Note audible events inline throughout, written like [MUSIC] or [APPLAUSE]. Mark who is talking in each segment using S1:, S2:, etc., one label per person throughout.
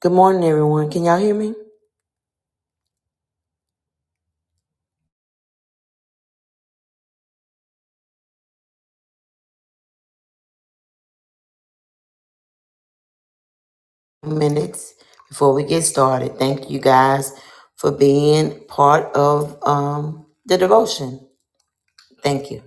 S1: Good morning, everyone. Can y'all hear me? Minutes before we get started. Thank you guys for being part of um, the devotion. Thank you.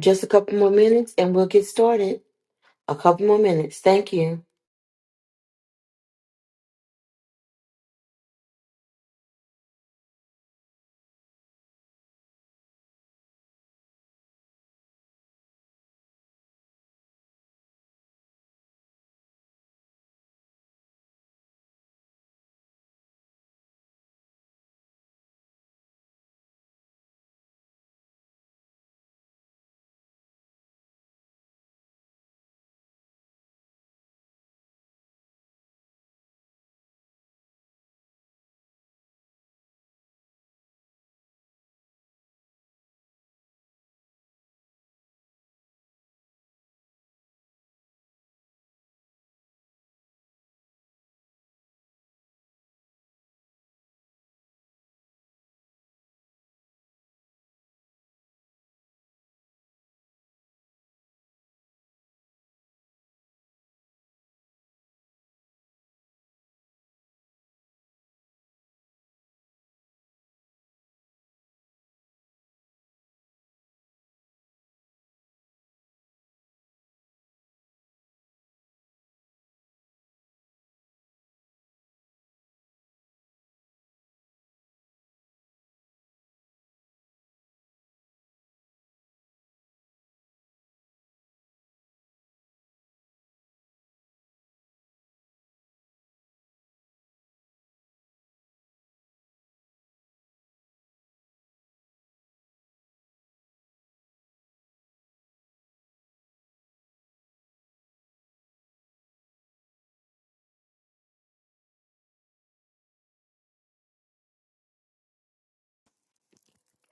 S1: Just a couple more minutes and we'll get started. A couple more minutes. Thank you.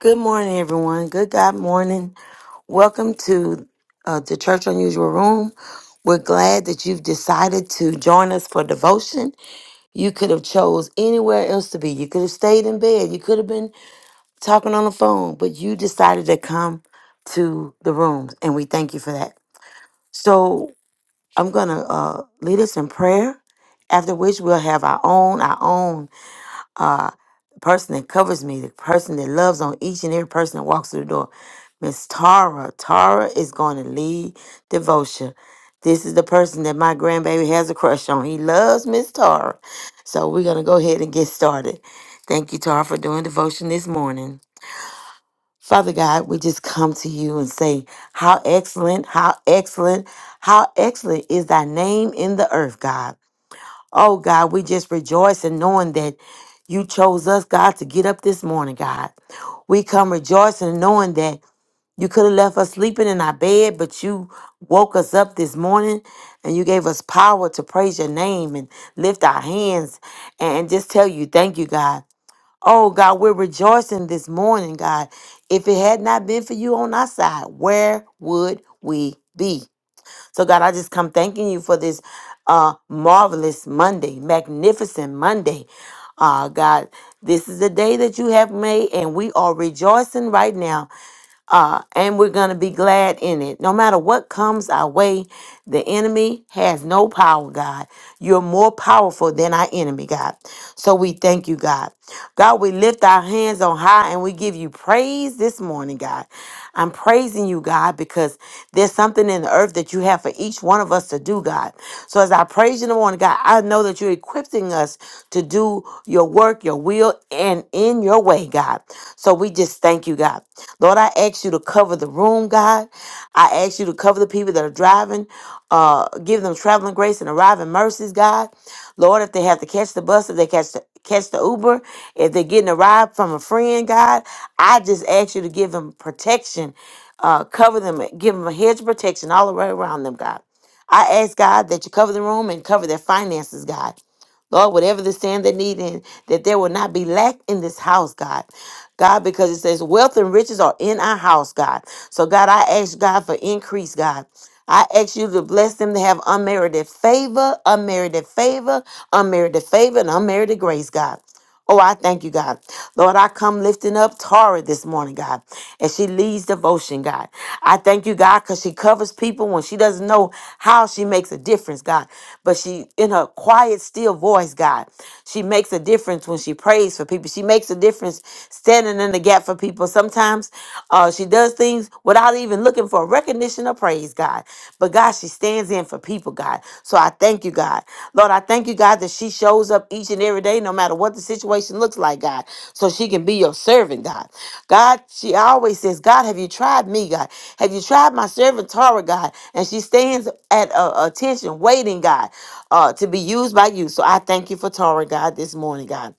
S1: Good morning, everyone. Good God morning. Welcome to uh, the Church Unusual Room. We're glad that you've decided to join us for devotion. You could have chose anywhere else to be. You could have stayed in bed. You could have been talking on the phone, but you decided to come to the rooms, and we thank you for that. So I'm gonna uh, lead us in prayer. After which we'll have our own, our own uh, person that covers me, the person that loves on each and every person that walks through the door. Miss Tara. Tara is going to lead devotion. This is the person that my grandbaby has a crush on. He loves Miss Tara. So we're gonna go ahead and get started. Thank you, Tara, for doing devotion this morning. Father God, we just come to you and say, How excellent, how excellent, how excellent is thy name in the earth, God. Oh, God, we just rejoice in knowing that you chose us, God, to get up this morning, God. We come rejoicing and knowing that you could have left us sleeping in our bed, but you woke us up this morning and you gave us power to praise your name and lift our hands and just tell you, Thank you, God. Oh God, we're rejoicing this morning, God. If it had not been for you on our side, where would we be? So God, I just come thanking you for this uh marvelous Monday, magnificent Monday. Uh God, this is the day that you have made and we are rejoicing right now uh, and we're going to be glad in it. No matter what comes our way, the enemy has no power, God. You're more powerful than our enemy, God. So we thank you, God. God, we lift our hands on high and we give you praise this morning, God. I'm praising you, God, because there's something in the earth that you have for each one of us to do, God. So as I praise you in the morning, God, I know that you're equipping us to do your work, your will, and in your way, God. So we just thank you, God. Lord, I ask you to cover the room, God. I ask you to cover the people that are driving, uh, give them traveling grace and arriving mercies, God. Lord, if they have to catch the bus, if they catch the catch the Uber, if they're getting a ride from a friend, God, I just ask you to give them protection, uh, cover them, give them a hedge of protection all the way around them, God. I ask God that you cover the room and cover their finances, God. Lord, whatever the sand they need in, that there will not be lack in this house, God. God, because it says wealth and riches are in our house, God. So, God, I ask God for increase, God. I ask you to bless them to have unmerited favor, unmerited favor, unmerited favor, and unmerited grace, God. Oh, I thank you, God. Lord, I come lifting up Tara this morning, God, as she leads devotion, God. I thank you, God, because she covers people when she doesn't know how she makes a difference, God. But she, in her quiet, still voice, God, she makes a difference when she prays for people. She makes a difference standing in the gap for people. Sometimes uh, she does things without even looking for recognition or praise praise, God. But God, she stands in for people, God. So I thank you, God. Lord, I thank you, God, that she shows up each and every day, no matter what the situation looks like, God, so she can be your servant, God. God, she always says, God, have you tried me, God? Have you tried my servant Tara, God? And she stands at uh, attention, waiting, God, uh, to be used by you. So I thank you for Tara, God, this morning, God.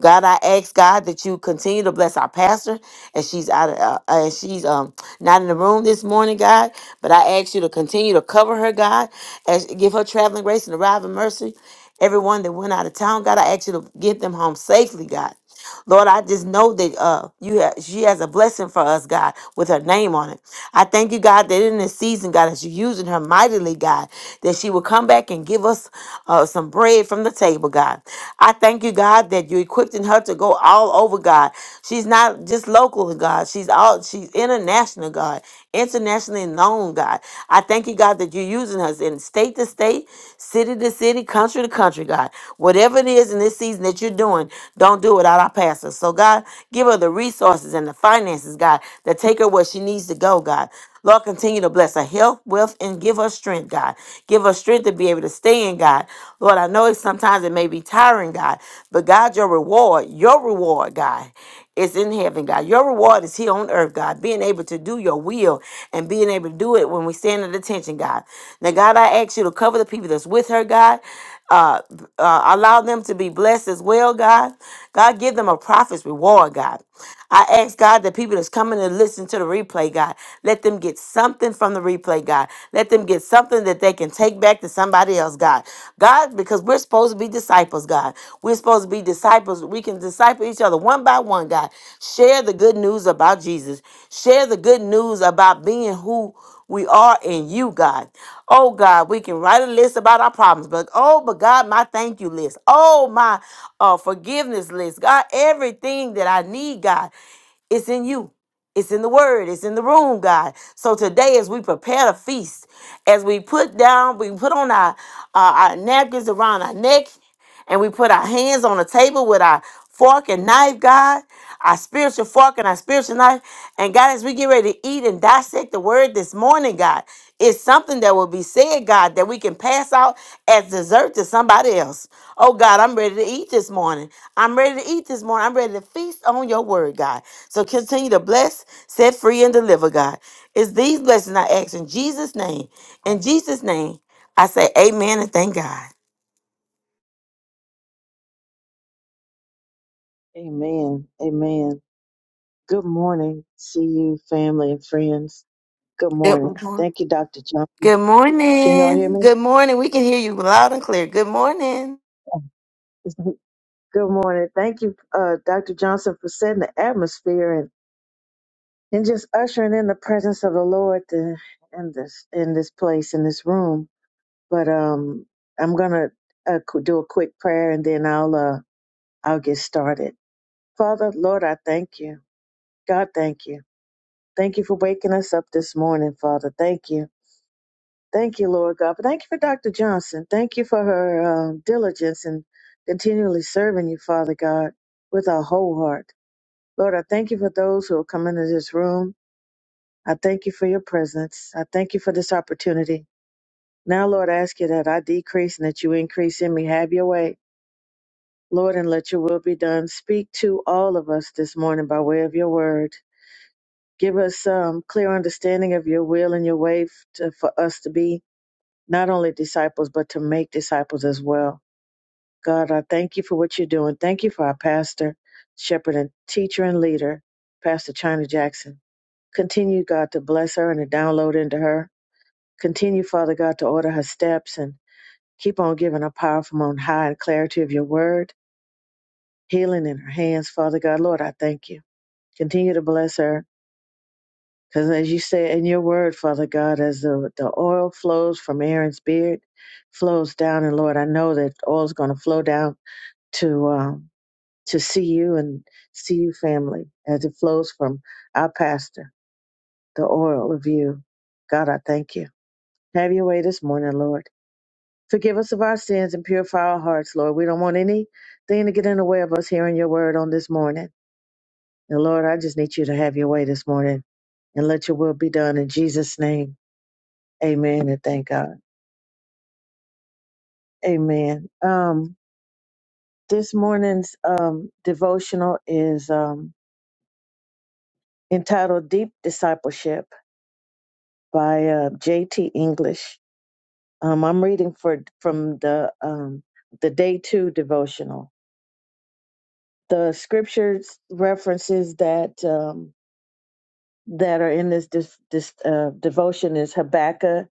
S1: God, I ask God that you continue to bless our pastor and she's out of, uh, uh, she's um not in the room this morning, God. But I ask you to continue to cover her, God, and give her traveling grace and arriving mercy. Everyone that went out of town, God, I ask you to get them home safely, God. Lord, I just know that uh, you ha- she has a blessing for us, God, with her name on it. I thank you, God, that in this season, God, that you're using her mightily, God, that she will come back and give us uh, some bread from the table, God. I thank you, God, that you're equipping her to go all over, God. She's not just local, God. She's all she's international, God, internationally known, God. I thank you, God, that you use using us in state to state, city to city, country to country, God. Whatever it is in this season that you're doing, don't do it without our pastor. So, God, give her the resources and the finances, God, that take her where she needs to go, God. Lord, continue to bless her health, wealth, and give her strength, God. Give her strength to be able to stay in God. Lord, I know it sometimes it may be tiring, God, but God, your reward, your reward, God is in heaven, God. Your reward is here on earth, God. Being able to do your will and being able to do it when we stand at attention, God. Now, God, I ask you to cover the people that's with her, God. Uh, uh, allow them to be blessed as well, God. God, give them a prophet's reward, God. I ask God that people that's coming to listen to the replay, God, let them get something from the replay, God. Let them get something that they can take back take back to somebody else, God. God, because we're supposed to be disciples, God. We're supposed to be disciples. We can disciple each other one by one, God. Share the good news about Jesus. Share the good news about being who we are in you, God. Oh, God, we can write a list about our problems, but oh, but God, my thank you list. Oh, my uh, forgiveness list. God, everything that I need, God, it's in you. It's in the word. It's in the room, God. So today, as we prepare the feast, as we put down, we put on our uh, our napkins around our neck, and we put our hands on the table with our fork and knife, God, our spiritual fork and our spiritual knife. And God, as we get ready to eat and dissect the word this morning, God, it's something that will be said, God, that we can pass out as dessert to somebody else. Oh God, I'm ready to eat this morning. I'm ready to eat this morning. I'm ready to feast on your word, God. So continue to bless set free and deliver, God. It's these blessings I ask in Jesus' name. In Jesus' name, I say amen and thank God.
S2: Amen. Amen. Good morning, See you, family and friends. Good
S1: Good
S2: morning.
S1: morning.
S2: Thank you, Dr. Johnson.
S1: Good
S2: Can y'all hear
S1: morning.
S2: me?
S1: Good morning. We can hear you loud and clear. Good morning.
S2: [LAUGHS] Good morning. Thank you, uh, Dr. Johnson, for setting the atmosphere and, and just ushering in the presence of the Lord to, in this in this place in this room. But um, I'm gonna uh, qu- do a quick prayer and then I'll uh, I'll get started. Father, Lord, I thank you. God, thank you. Thank you for waking us up this morning, Father. Thank you. Thank you, Lord God. But thank you for Dr. Johnson. Thank you for her um, diligence and continually serving you, Father God, with our whole heart. Lord, I thank you for those who have come into this room. I thank you for your presence. I thank you for this opportunity. Now, Lord, I ask you that I decrease and that you increase in me. Have your way, Lord, and let your will be done. Speak to all of us this morning by way of your word. Give us some clear understanding of your will and your way f- to, for us to be not only disciples, but to make disciples as well. God, I thank you for what you're doing. Thank you for our pastor, shepherd, and teacher and leader, Pastor China Jackson. Continue, God, to bless her and to download into her. Continue, Father God, to order her steps and keep on giving her power from on high and clarity of your word, healing in her hands, Father God. Lord, I thank you. Continue to bless her Because as you say in your word, Father God, as the, the oil flows from Aaron's beard, flows down, and Lord, I know that oil is going to flow down to um, to see you and see you family as it flows from our pastor, the oil of you. God, I thank you. Have your way this morning, Lord. Forgive us of our sins and purify our hearts, Lord. We don't want anything to get in the way of us hearing your word on this morning. And Lord, I just need you to have your way this morning and let your will be done in Jesus' name. Amen and thank God. Amen. Um, this morning's um, devotional is um, entitled Deep Discipleship by uh, J.T. English. Um, I'm reading for from the um, the day two devotional. The scriptures references that um, that are in this, dis dis uh, devotion is Habakkuk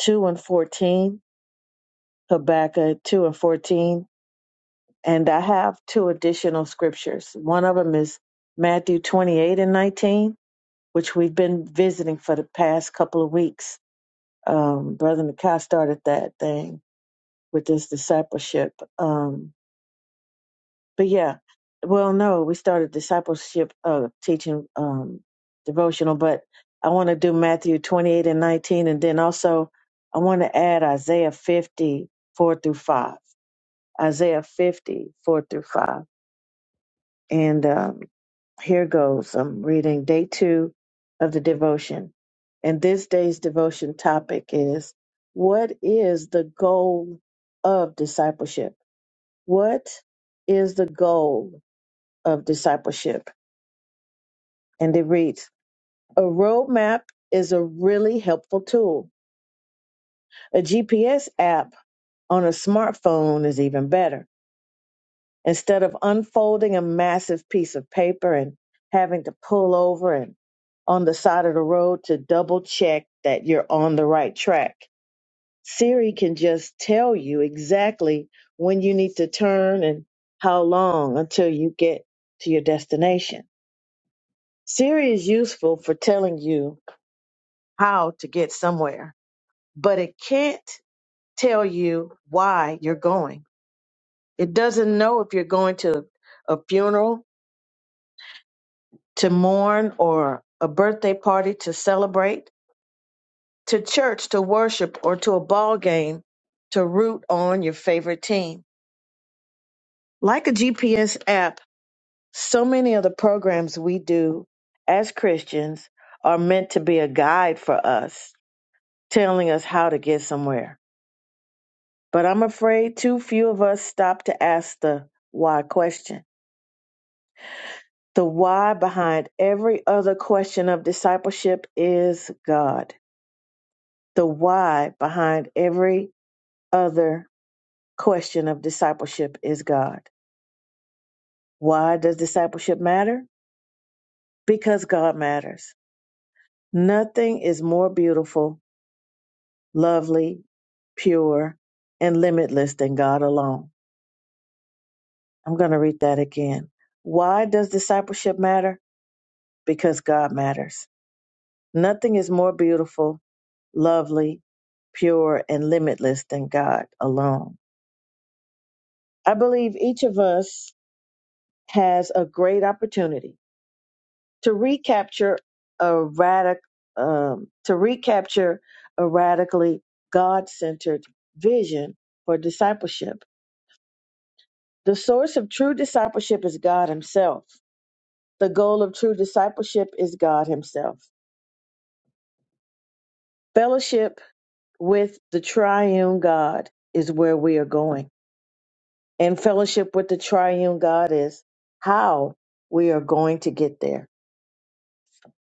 S2: two and fourteen, Habakkuk two and fourteen, And I have two additional scriptures. One of them is Matthew 28 and 19, which we've been visiting for the past couple of weeks. Um, Brother Nakai started that thing with this discipleship. Um, but yeah, well, no, we started discipleship uh, teaching um, devotional, but I want to do Matthew 28 and 19. And then also, I want to add Isaiah 50 4 through 5. Isaiah 50 4 through 5 And um, here goes. I'm reading day two of the devotion. And this day's devotion topic is What is the goal of discipleship? What is the goal of discipleship? And it reads A roadmap is a really helpful tool. A GPS app on a smartphone is even better. instead of unfolding a massive piece of paper and having to pull over and on the side of the road to double check that you're on the right track. Siri can just tell you exactly when you need to turn and how long until you get to your destination. Siri is useful for telling you how to get somewhere, but it can't tell you why you're going. It doesn't know if you're going to a funeral to mourn or a birthday party to celebrate, to church to worship or to a ball game to root on your favorite team. Like a GPS app, so many of the programs we do as Christians are meant to be a guide for us, telling us how to get somewhere. But I'm afraid too few of us stop to ask the why question. The why behind every other question of discipleship is God. The why behind every other question of discipleship is God. Why does discipleship matter? Because God matters. Nothing is more beautiful, lovely, pure, and limitless than God alone. I'm going to read that again. Why does discipleship matter? Because God matters. Nothing is more beautiful, lovely, pure, and limitless than God alone. I believe each of us has a great opportunity to recapture a radic um, to recapture a radically God-centered vision for discipleship. The source of true discipleship is God Himself. The goal of true discipleship is God Himself. Fellowship with the triune God is where we are going. And fellowship with the triune God is how we are going to get there.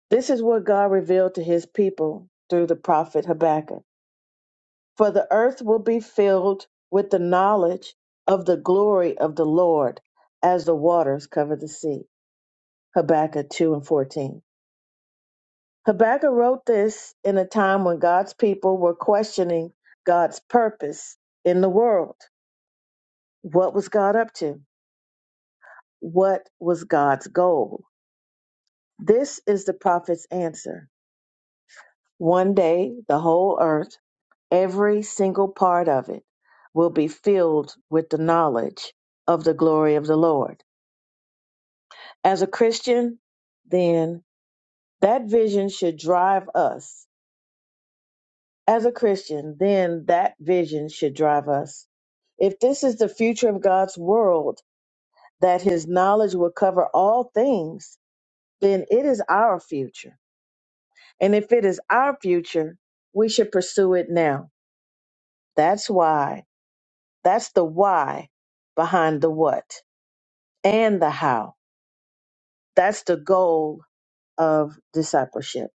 S2: This is what God revealed to his people through the prophet Habakkuk. For the earth will be filled with the knowledge of the glory of the Lord as the waters cover the sea. Habakkuk 2 and 14. Habakkuk wrote this in a time when God's people were questioning God's purpose in the world. What was God up to? What was God's goal? This is the prophet's answer. One day, the whole earth, every single part of it, will be filled with the knowledge of the glory of the Lord. As a Christian, then that vision should drive us. As a Christian, then that vision should drive us. If this is the future of God's world, that his knowledge will cover all things, then it is our future. And if it is our future, we should pursue it now. That's why. That's the why behind the what and the how. That's the goal of discipleship.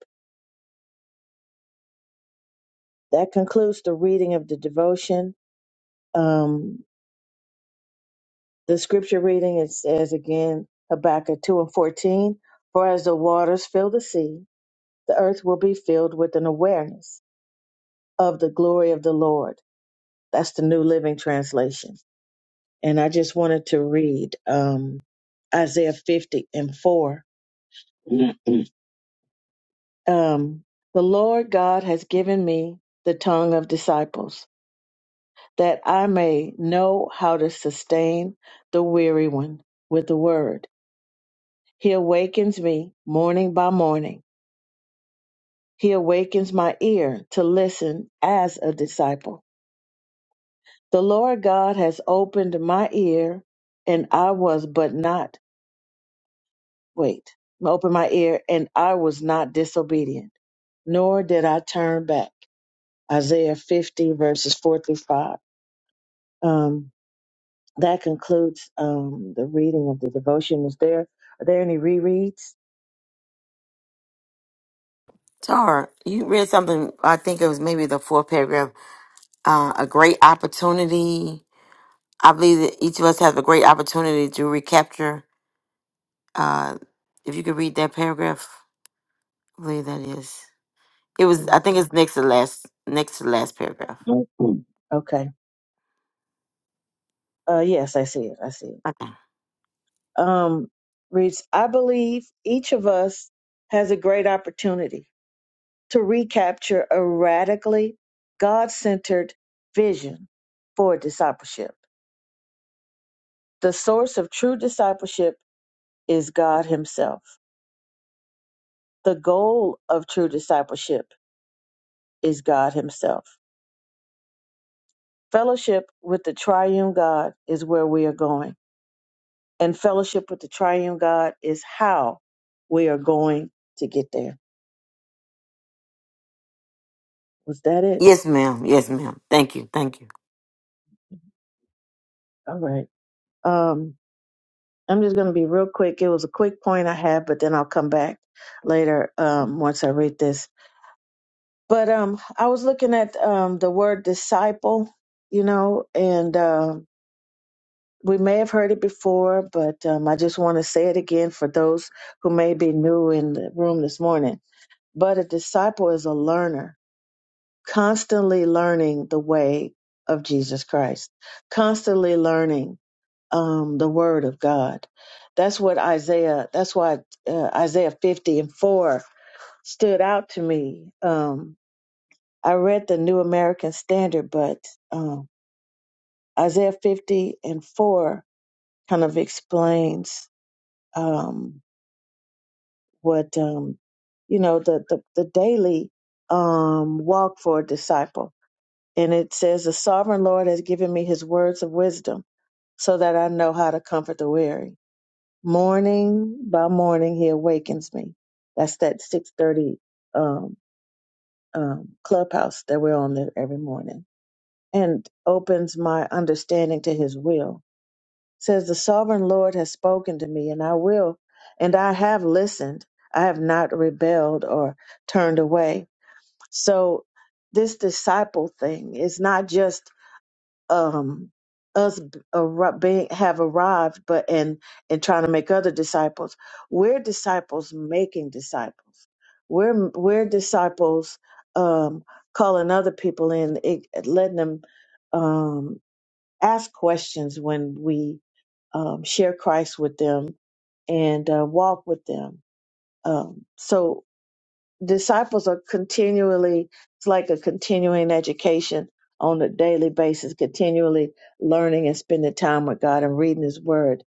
S2: That concludes the reading of the devotion. Um, the scripture reading it says again Habakkuk 2 and 14 For as the waters fill the sea, the earth will be filled with an awareness of the glory of the Lord. That's the New Living Translation. And I just wanted to read um, Isaiah 50 and 4. [CLEARS THROAT] um, the Lord God has given me the tongue of disciples, that I may know how to sustain the weary one with the word. He awakens me morning by morning. He awakens my ear to listen as a disciple. The Lord God has opened my ear, and I was but not, wait, opened my ear, and I was not disobedient, nor did I turn back. Isaiah 50, verses 4 through 5. Um, that concludes um, the reading of the devotion. Is there are there any rereads?
S1: Tara, you read something, I think it was maybe the fourth paragraph, uh, a great opportunity. I believe that each of us have a great opportunity to recapture. Uh, if you could read that paragraph, I believe that is. It
S2: Let
S1: was,
S2: me
S1: I think it's next to last, next to last paragraph.
S2: see. Okay. Uh, yes, I see it. I see it.
S1: Okay.
S2: Um, reads. I believe each of us has a great opportunity to recapture a radically God-centered vision for discipleship. The source of true discipleship is God Himself. The goal of true discipleship is God Himself Fellowship with the triune God is where we are going. And fellowship with the triune God is how we are going to get there. Was that it?
S1: Yes, ma'am. Yes, ma'am. Thank you. Thank you.
S2: All right. Um, I'm just going to be real quick. It was a quick point I had, but then I'll come back later um, once I read this. But um, I was looking at um, the word disciple, you know, and um we may have heard it before, but um, I just want to say it again for those who may be new in the room this morning But a disciple is a learner, constantly learning the way of Jesus Christ, constantly learning um, the word of God. That's what Isaiah, that's why uh, Isaiah 50 and 4 stood out to me. Um, I read the New American Standard, but um, Isaiah 50 and 4 kind of explains um, what, um, you know, the, the, the daily um, walk for a disciple And it says, The sovereign Lord has given me his words of wisdom so that I know how to comfort the weary. Morning by morning, he awakens me. That's that 630 um, um, clubhouse that we're on there every morning and opens my understanding to his will. says, The sovereign Lord has spoken to me and I will, and I have listened. I have not rebelled or turned away. So this disciple thing is not just um, us b- arri- being, have arrived, but in in trying to make other disciples. We're disciples making disciples. We're we're disciples um, calling other people in, it, letting them um, ask questions when we um, share Christ with them and uh, walk with them. Um, so disciples are continually it's like a continuing education on a daily basis continually learning and spending time with god and reading his word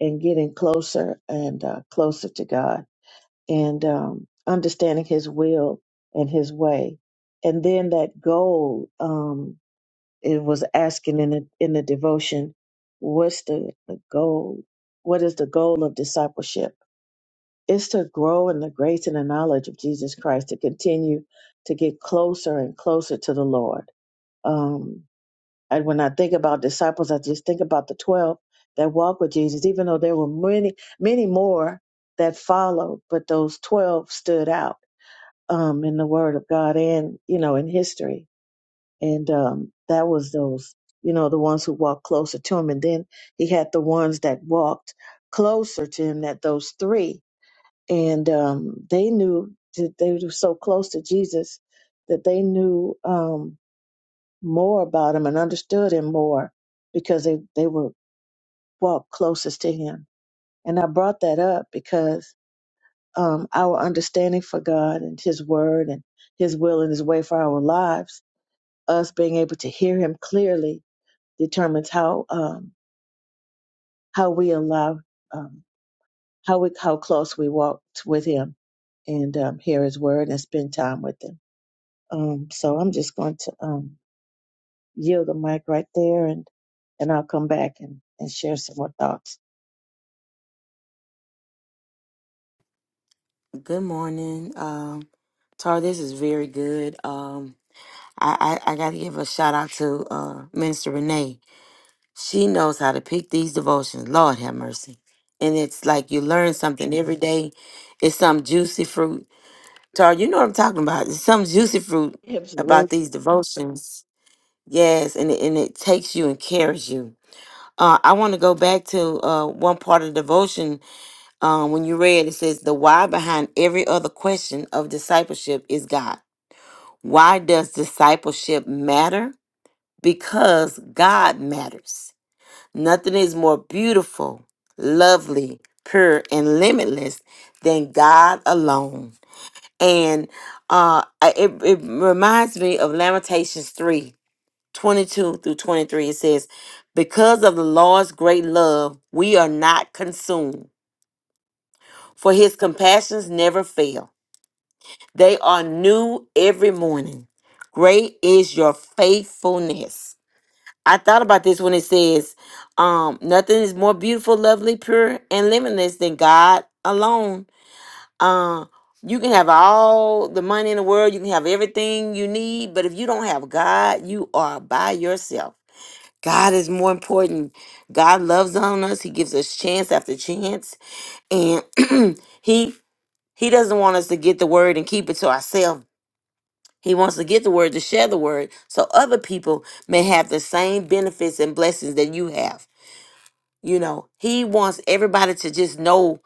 S2: and getting closer and uh, closer to god and um, understanding his will and his way and then that goal um, it was asking in the in the devotion what's the, the goal what is the goal of discipleship is to grow in the grace and the knowledge of Jesus Christ, to continue to get closer and closer to the Lord. Um, and when I think about disciples, I just think about the 12 that walked with Jesus, even though there were many, many more that followed, but those 12 stood out um, in the Word of God and, you know, in history. And um, that was those, you know, the ones who walked closer to him. And then he had the ones that walked closer to him, that those three and um, they knew that they were so close to Jesus that they knew um, more about him and understood him more because they they were walked closest to him. And I brought that up because um, our understanding for God and His Word and His will and His way for our lives, us being able to hear Him clearly, determines how um, how we allow um, how we how close we walk with Him and um, hear His Word and spend time with Him. Um, so I'm just going to um, yield the mic right there, and and I'll come back and, and share some more thoughts.
S1: Good morning. Um, Tara, this is very good. Um, I, I, I got to give a shout out to uh, Minister Renee. She knows how to pick these devotions. Lord have mercy. And it's like you learn something every day. It's some juicy fruit. Tara, you know what I'm talking about. It's some juicy fruit about
S2: Absolutely.
S1: these devotions. Yes, and it, and it takes you and carries you. Uh, I want to go back to uh, one part of the devotion um, when you read, it says the why behind every other question of discipleship is God. Why does discipleship matter? Because God matters. Nothing is more beautiful, lovely, pure, and limitless than God alone. And uh, I- it, it reminds me of Lamentations 3 22 through 23. It says, Because of the Lord's great love, we are not consumed, for his compassions never fail. They are new every morning. Great is your faithfulness. I thought about this when it says, um, nothing is more beautiful, lovely, pure, and limitless than God alone. Uh, you can have all the money in the world, you can have everything you need, but if you don't have God, you are by yourself. God is more important. God loves on us. He gives us chance after chance. And [CLEARS THROAT] he he doesn't want us to get the word and keep it to ourselves he wants to get the word to share the word so other people may have the same benefits and blessings that you have. You know, he wants everybody to just know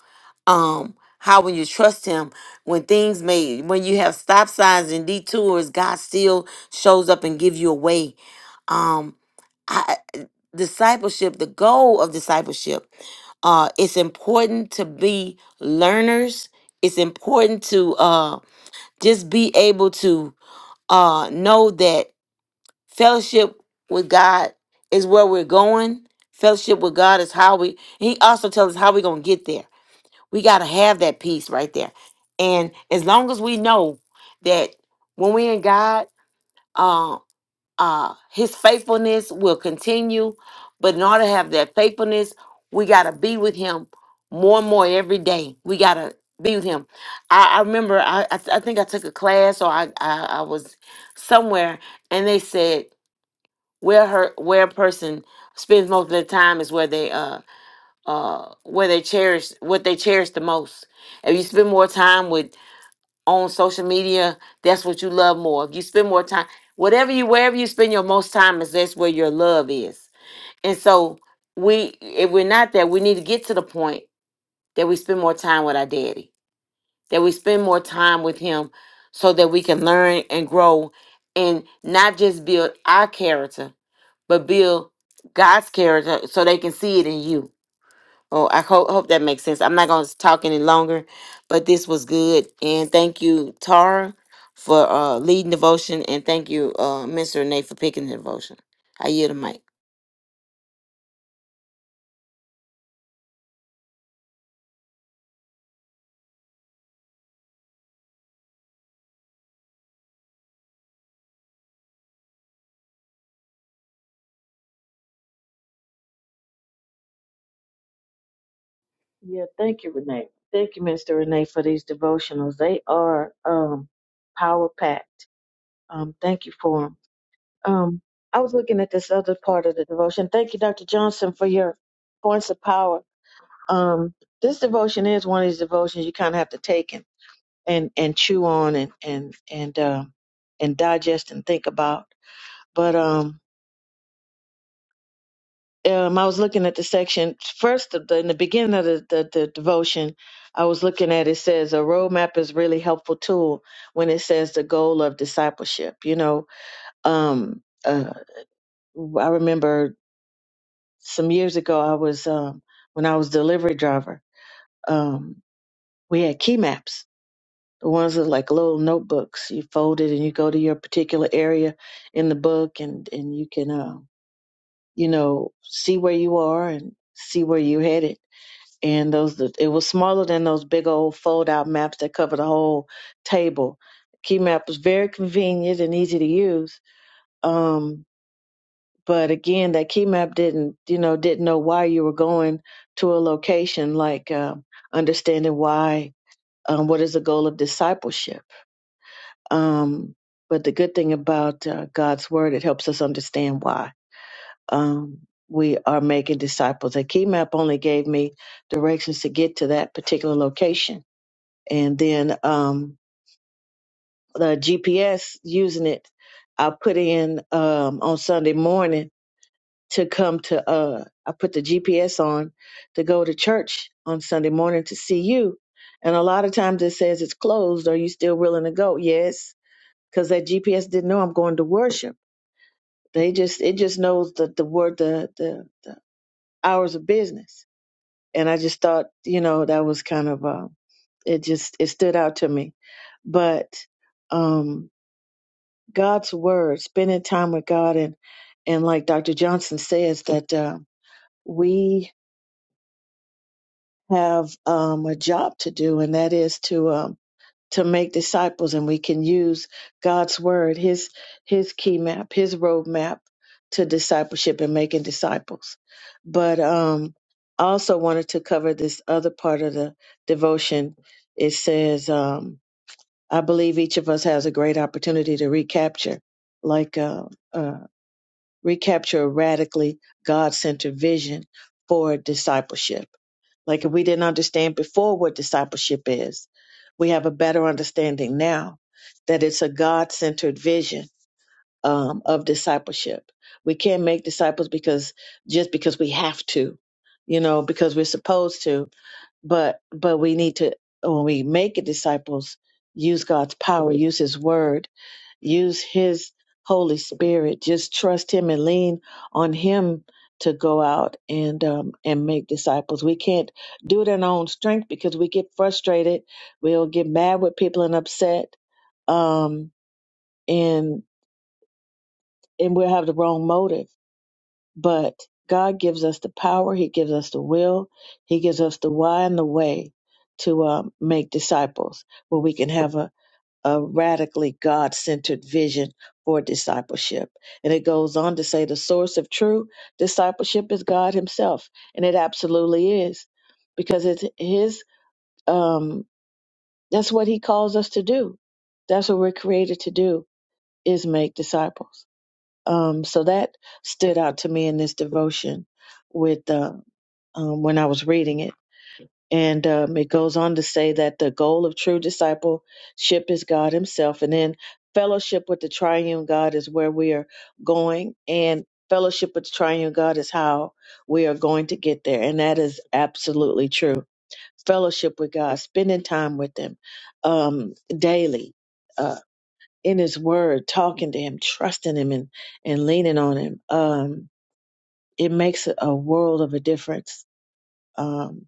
S1: um how when you trust him, when things may when you have stop signs and detours, God still shows up and give you a way. Um I, discipleship, the goal of discipleship uh, it's important to be learners it's important to uh, just be able to uh, know that fellowship with God is where we're going. Fellowship with God is how we. He also tells us how we're gonna get there. We gotta have that peace right there. And as long as we know that when we're in God, uh, uh his faithfulness will continue but in order to have that faithfulness we got to be with him more and more every day we got to be with him i, I remember I, I th- I think i took a class or I, I i was somewhere and they said where her where a person spends most of their time is where they uh uh where they cherish what they cherish the most if you spend more time with on social media, that's what you love more. If you spend more time, whatever you wherever you spend your most time is that's where your love is. And so we if we're not there, we need to get to the point that we spend more time with our daddy, that we spend more time with him so that we can learn and grow and not just build our character, but build God's character so they can see it in you Oh, I hope, hope that makes sense. I'm not going to talk any longer, but this was good. And thank you, Tara, for uh, leading devotion. And thank you, uh, Mr. Renee, for picking the devotion. I yield the mic.
S2: Yeah, thank you, Renee. Thank you, Mr. Renee, for these devotionals. They are um, power packed. Um, thank you for them. Um, I was looking at this other part of the devotion. Thank you, Dr. Johnson, for your points of power. Um, this devotion is one of these devotions you kind of have to take and, and, and chew on and and and uh, and digest and think about. But um, um, I was looking at the section first of the, in the beginning of the, the, the devotion. I was looking at it says a roadmap is really helpful tool when it says the goal of discipleship. You know, um, uh, I remember some years ago I was um, when I was delivery driver. Um, we had key maps, the ones that like little notebooks. You fold it and you go to your particular area in the book, and and you can uh, you know see where you are and see where you're headed and those it was smaller than those big old fold out maps that cover the whole table. Key map was very convenient and easy to use. Um, but again, that key map didn't you know didn't know why you were going to a location, like um, understanding why um, what is the goal of discipleship. Um, but the good thing about uh, God's word, it helps us understand why um, we are making disciples. A key map only gave me directions to get to that particular location and then um the GPS using it I put in um on Sunday morning to come to uh I put the GPS on to go to church on Sunday morning to see you and a lot of times it says it's closed are you still willing to go yes cuz that GPS didn't know I'm going to worship they just it just knows the the word the the, the hours of business and I just thought you know that was kind of uh, it just it stood out to me but um God's word, spending time with God, and and like Dr. Johnson says that uh, we have um, a job to do, and that is to um, to make disciples, and we can use God's word, His His key map, His roadmap to discipleship and making disciples. But um, I also wanted to cover this other part of the devotion. It says, um, "I believe each of us has a great opportunity to recapture, like." Uh, uh, recapture a radically God centered vision for discipleship. Like if we didn't understand before what discipleship is, we have a better understanding now that it's a God centered vision um, of discipleship. We can't make disciples because just because we have to, you know, because we're supposed to, but but we need to when we make it disciples, use God's power, use his word use his holy spirit just trust him and lean on him to go out and um, and make disciples we can't do it in our own strength because we get frustrated we'll get mad with people and upset um, and and we'll have the wrong motive but god gives us the power he gives us the will he gives us the why and the way to um, make disciples where we can have a a radically God centered vision for discipleship. And it goes on to say the source of true discipleship is God Himself. And it absolutely is because it's His, um, that's what He calls us to do. That's what we're created to do is make disciples. Um, so that stood out to me in this devotion with uh, um, when I was reading it and um, it goes on to say that the goal of true discipleship is God Himself. And then fellowship with the triune God is where we are going. And fellowship with the triune God is how we are going to get there. And that is absolutely true. Fellowship with God, spending time with Him um, daily. Uh, in his word, talking to him, trusting him, and, and leaning on him, um, it makes a world of a difference. Um,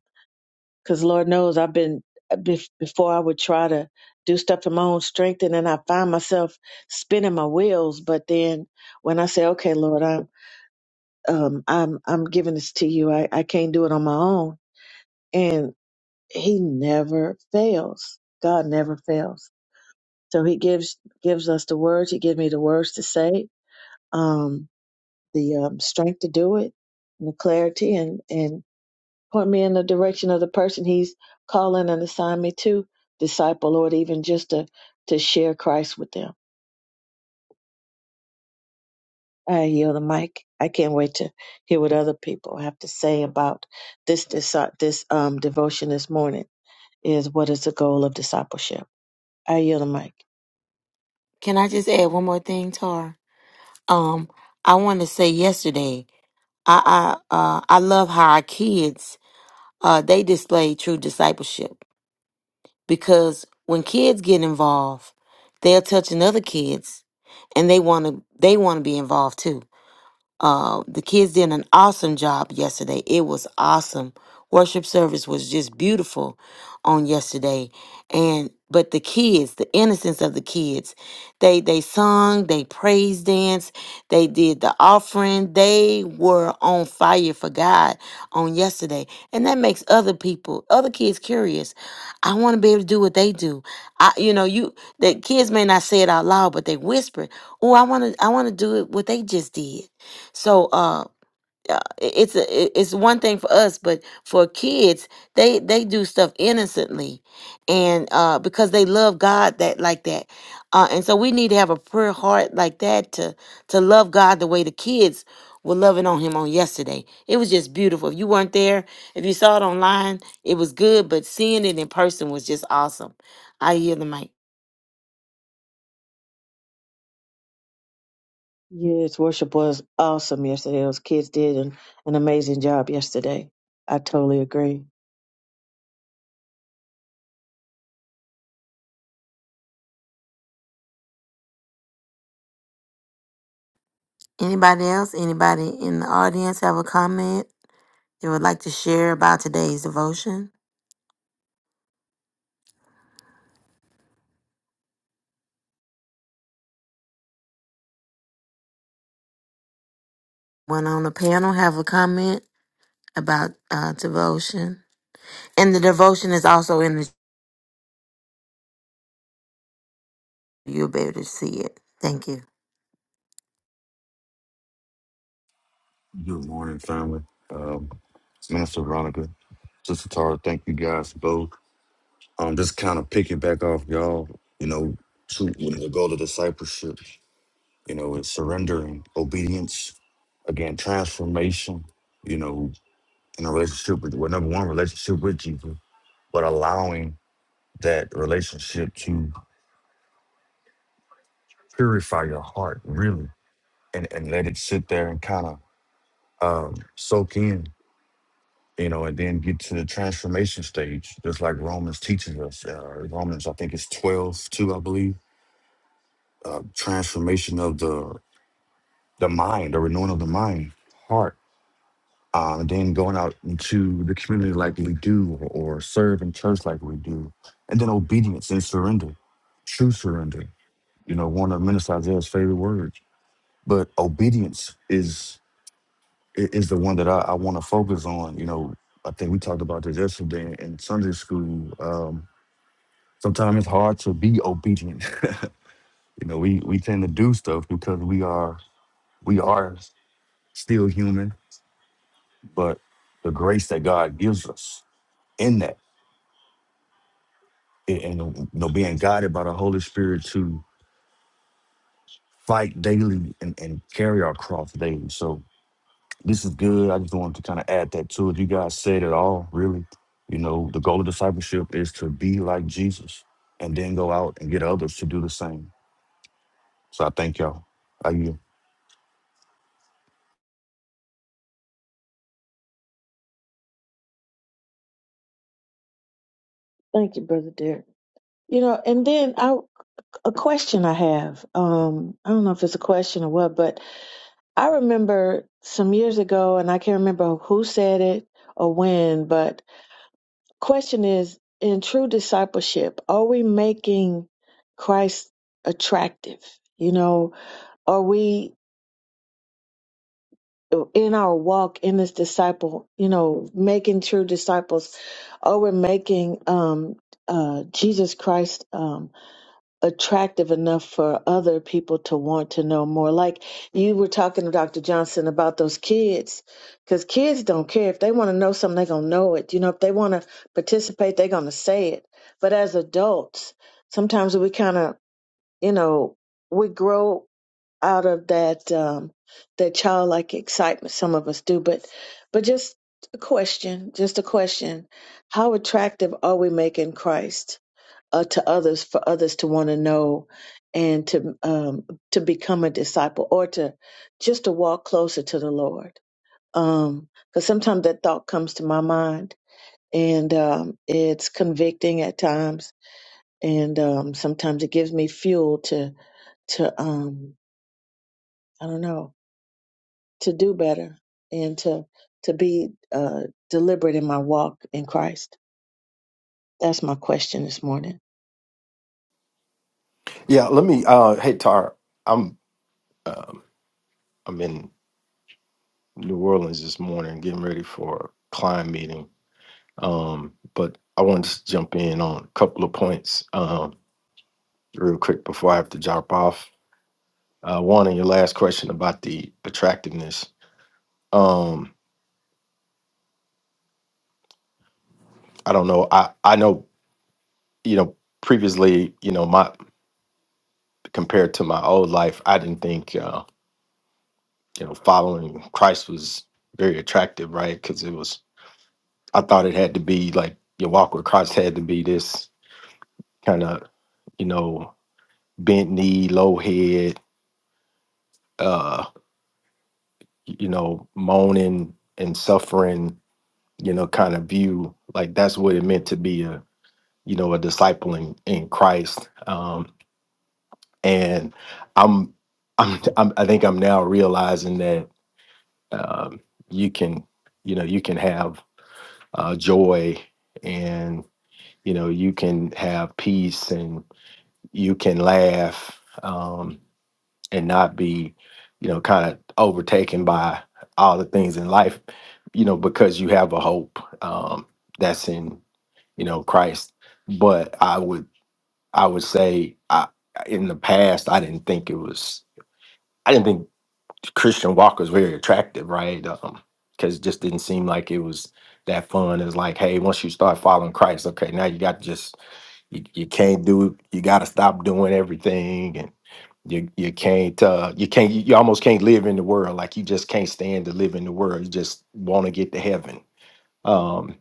S2: because Lord knows I've been uh, bef- before I would try to do stuff in my own strength, and then I find myself spinning my wheels. But then when I say, "Okay, Lord, I'm um, I'm I'm giving this to you. I, I can't do it on my own," and He never fails. God never fails. So He gives gives us the words. He gives me the words to say, um, the um, strength to do it, and the clarity, and and point me in the direction of the person he's calling and assign me to disciple, Lord, even just to, to share Christ with them. I yield the mic. I can't wait to hear what other people have to say about this this, this um devotion this morning. Is what is the goal of discipleship? I yield the mic.
S1: Can I just add one more thing, Tara? Um, I want to say yesterday, I I, uh, I love how our kids uh, they display true discipleship because when kids get involved, they're touching other kids, and they want to they want to be involved too Uh, the kids did an awesome job yesterday. It was awesome. Worship service was just beautiful on yesterday. And but the kids, the innocence of the kids, they they sung, they praise danced, they did the offering. They were on fire for God on yesterday, and that makes other people, other kids, curious. I want to be able to do what they do. I, you know, you the kids may not say it out loud, but they whisper, "Oh, I want to, I want to do it what they just did." So uh, uh, it's a, it- it's one thing for us, but for kids, they they do stuff innocently, and uh, because they love God that like that, uh, and so we need to have a pure heart like that to to love God the way the kids were loving on Him on yesterday. It was just beautiful. If you weren't there, if you saw it online, it was good, but seeing it in person was just awesome. I yield the mic.
S2: Yes, worship was awesome yesterday. Those kids did an, an amazing job yesterday. I totally agree.
S1: Anybody else? Anybody in the audience have a comment they would like to share about today's devotion? One on the panel have a comment about uh, devotion, and the devotion is also in the. You'll be able to see it. Thank you.
S3: Good morning, family. Um, Minister Veronica, Sister Tara, thank you guys both. Um, just kind of picking back off y'all, you know, to when the goal of discipleship, you know, is surrendering, obedience, again, transformation, you know, in a relationship with, well, number one, relationship with Jesus, but allowing that relationship to purify your heart, really, and, and let it sit there and kind of um, soak in you know, and then get to the transformation stage, just like Romans teaches us. Uh, Romans, I think it's 12 2, I believe. Uh, transformation of the the mind, the renewing of the mind, heart. Uh, and then going out into the community like we do, or, or serve in church like we do. And then obedience and surrender, true surrender. You know, one of Minister Isaiah's favorite words. But obedience is i- is the one that I, I want to focus on. You know, I think we talked about this yesterday in Sunday school. Um, sometimes it's hard to be obedient. [LAUGHS] You know, we we tend to do stuff because we are we are still human, but the grace that God gives us in that, and and, you know, being guided by the Holy Spirit to fight daily and, and carry our cross daily. So this is good. I just wanted to kind of add that to it. You guys said it all, really. You know, the goal of discipleship is to be like Jesus and then go out and get others to do the same. So I thank y'all. I yield.
S2: Thank you, brother Derek. You know, and then I a question I have. Um, I don't know if it's a question or what, but I remember some years ago, and I can't remember who said it or when, but question is in true discipleship, are we making Christ attractive? You know, are we in our walk in this disciple, you know, making true disciples, or we're making um uh Jesus Christ um attractive enough for other people to want to know more. Like you were talking to Dr. Johnson about those kids, because kids don't care. If they want to know something, they're going to know it. You know, if they want to participate, they're going to say it. But as adults, sometimes we kind of, you know, we grow out of that, um, that childlike excitement. Some of us do, but, but just a question, just a question. How attractive are we making Christ? uh, to others for others to want to know and to um, to become a disciple or to just to walk closer to the Lord. Because sometimes that thought comes to my mind and um, it's convicting at times, and um, sometimes it gives me fuel to to um, I don't know to do better and to to be uh, deliberate in my walk in Christ. That's my question this morning.
S4: Yeah, let me. Uh, hey, Tar, I'm um, I'm in New Orleans this morning, getting ready for a client meeting. Um, but I wanted to jump in on a couple of points um, real quick before I have to drop off. Uh, one on your last question about the attractiveness. Um, I don't know. I I know you know previously. You know my compared to my old life, I didn't think uh, you know following Christ was very attractive, right? Because it was I thought it had to be like your walk with Christ had to be this kind of, you know, bent knee, low head, uh, you know, moaning and suffering, you know, kind of view. Like that's what it meant to be a, you know, a disciple in, in Christ. Um, and I'm, I'm, I'm, I think I'm now realizing that um, you can, you know, you can have uh, joy and you know you can have peace and you can laugh um, and not be, you know, kind of overtaken by all the things in life, you know, because you have a hope um, that's in, you know, Christ. But I would, I would say, I, in the past, I didn't think it was, I didn't think Christian walk was very attractive, right? Um, Because it just didn't seem like it was that fun. It's like, hey, once you start following Christ, okay, now you got to just you, you can't do you got to stop doing everything you you can't uh you can't you almost can't live in the world like you just can't stand to live in the world you just want to get to heaven um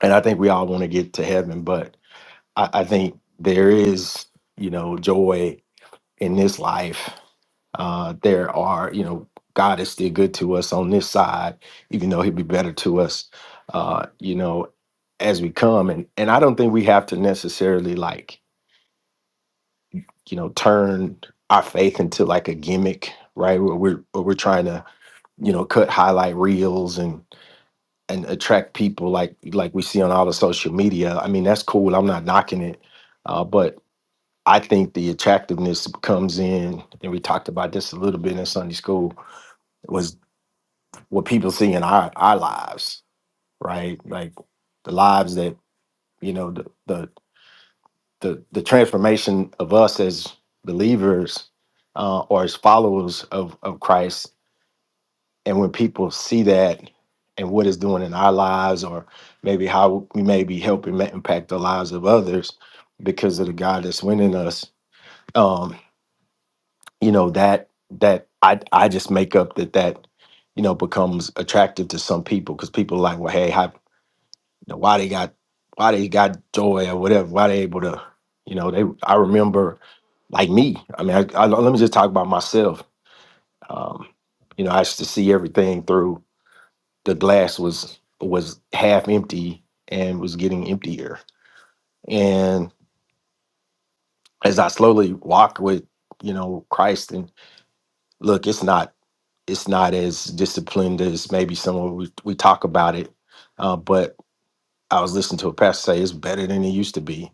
S4: and i think we all want to get to heaven but I, I think there is you know joy in this life uh there are you know god is still good to us on this side even though he'd be better to us uh you know as we come and and i don't think we have to necessarily like you know turn our faith into like a gimmick right where we're where we're trying to you know cut highlight reels and and attract people like like we see on all the social media i mean that's cool i'm not knocking it uh, but i think the attractiveness comes in and we talked about this a little bit in sunday school was what people see in our our lives right like the lives that you know the, the the the transformation of us as believers uh, or as followers of of Christ, and when people see that and what it's doing in our lives, or maybe how we may be helping ma- impact the lives of others because of the God that's winning us, um, you know that that I I just make up that that you know becomes attractive to some people because people are like, well, hey, how know, why they got why they got joy or whatever, why they able to, you know, they I remember like me. I mean, I, I, let me just talk about myself. Um, you know, I used to see everything through the glass was was half empty and was getting emptier. And as I slowly walk with, you know, Christ and look, it's not it's not as disciplined as maybe some of we, we talk about it. Uh, but I was listening to a pastor say it's better than it used to be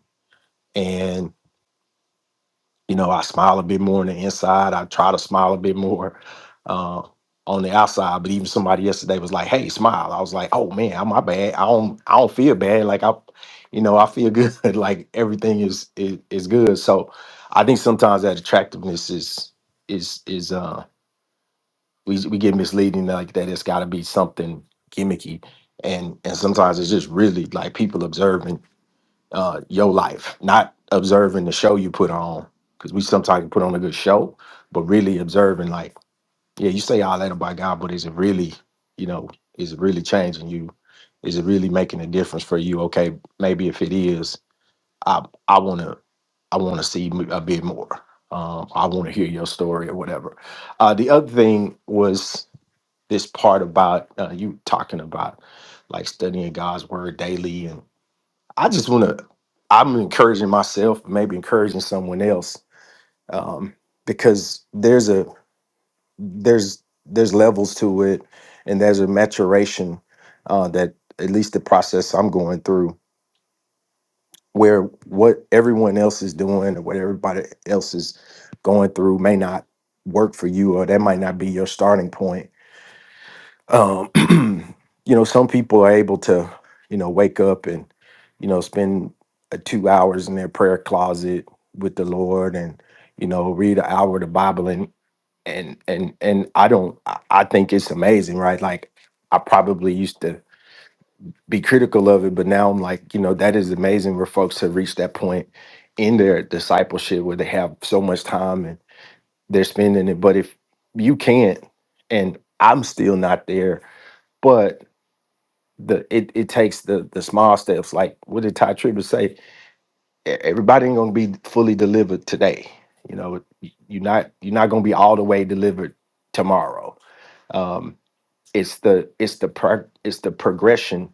S4: and. you know, I smile a bit more on the inside. I try to smile a bit more uh, on the outside. But even somebody yesterday was like, "Hey, smile." I was like, "Oh man, I'm my bad. I don't, I don't feel bad. Like I, you know, I feel good. [LAUGHS] like everything is, is is good." So I think sometimes that attractiveness is is is uh we we get misleading like that. It's got to be something gimmicky, and and sometimes it's just really like people observing uh, your life, not observing the show you put on, because we sometimes put on a good show, but really observing, like, yeah, you say all that about God, but is it really, you know, is it really changing you? Is it really making a difference for you? Okay, maybe if it is, I I want to I want to see m- a bit more. Um, I want to hear your story or whatever. Uh, the other thing was this part about uh, you talking about like studying God's word daily I just want to. I'm encouraging myself, maybe encouraging someone else, um, because there's a there's there's levels to it, and there's a maturation uh, that at least the process I'm going through, where what everyone else is doing or what everybody else is going through may not work for you, or that might not be your starting point Um, [CLEARS THROAT] you know, some people are able to, you know, wake up and, you know, spend uh, two hours in their prayer closet with the Lord and, you know, read an hour of the Bible and and and and I don't. I I think it's amazing, right? Like I probably used to be critical of it, but now I'm like, you know, that is amazing where folks have reached that point in their discipleship where they have so much time and they're spending it. But if you can't, and I'm still not there, but the it, it takes the the small steps. Like what did Ty Tribbett say? E- Everybody ain't gonna be fully delivered today. You know, you're not you're not gonna be all the way delivered tomorrow. Um, it's the it's the pro, it's the progression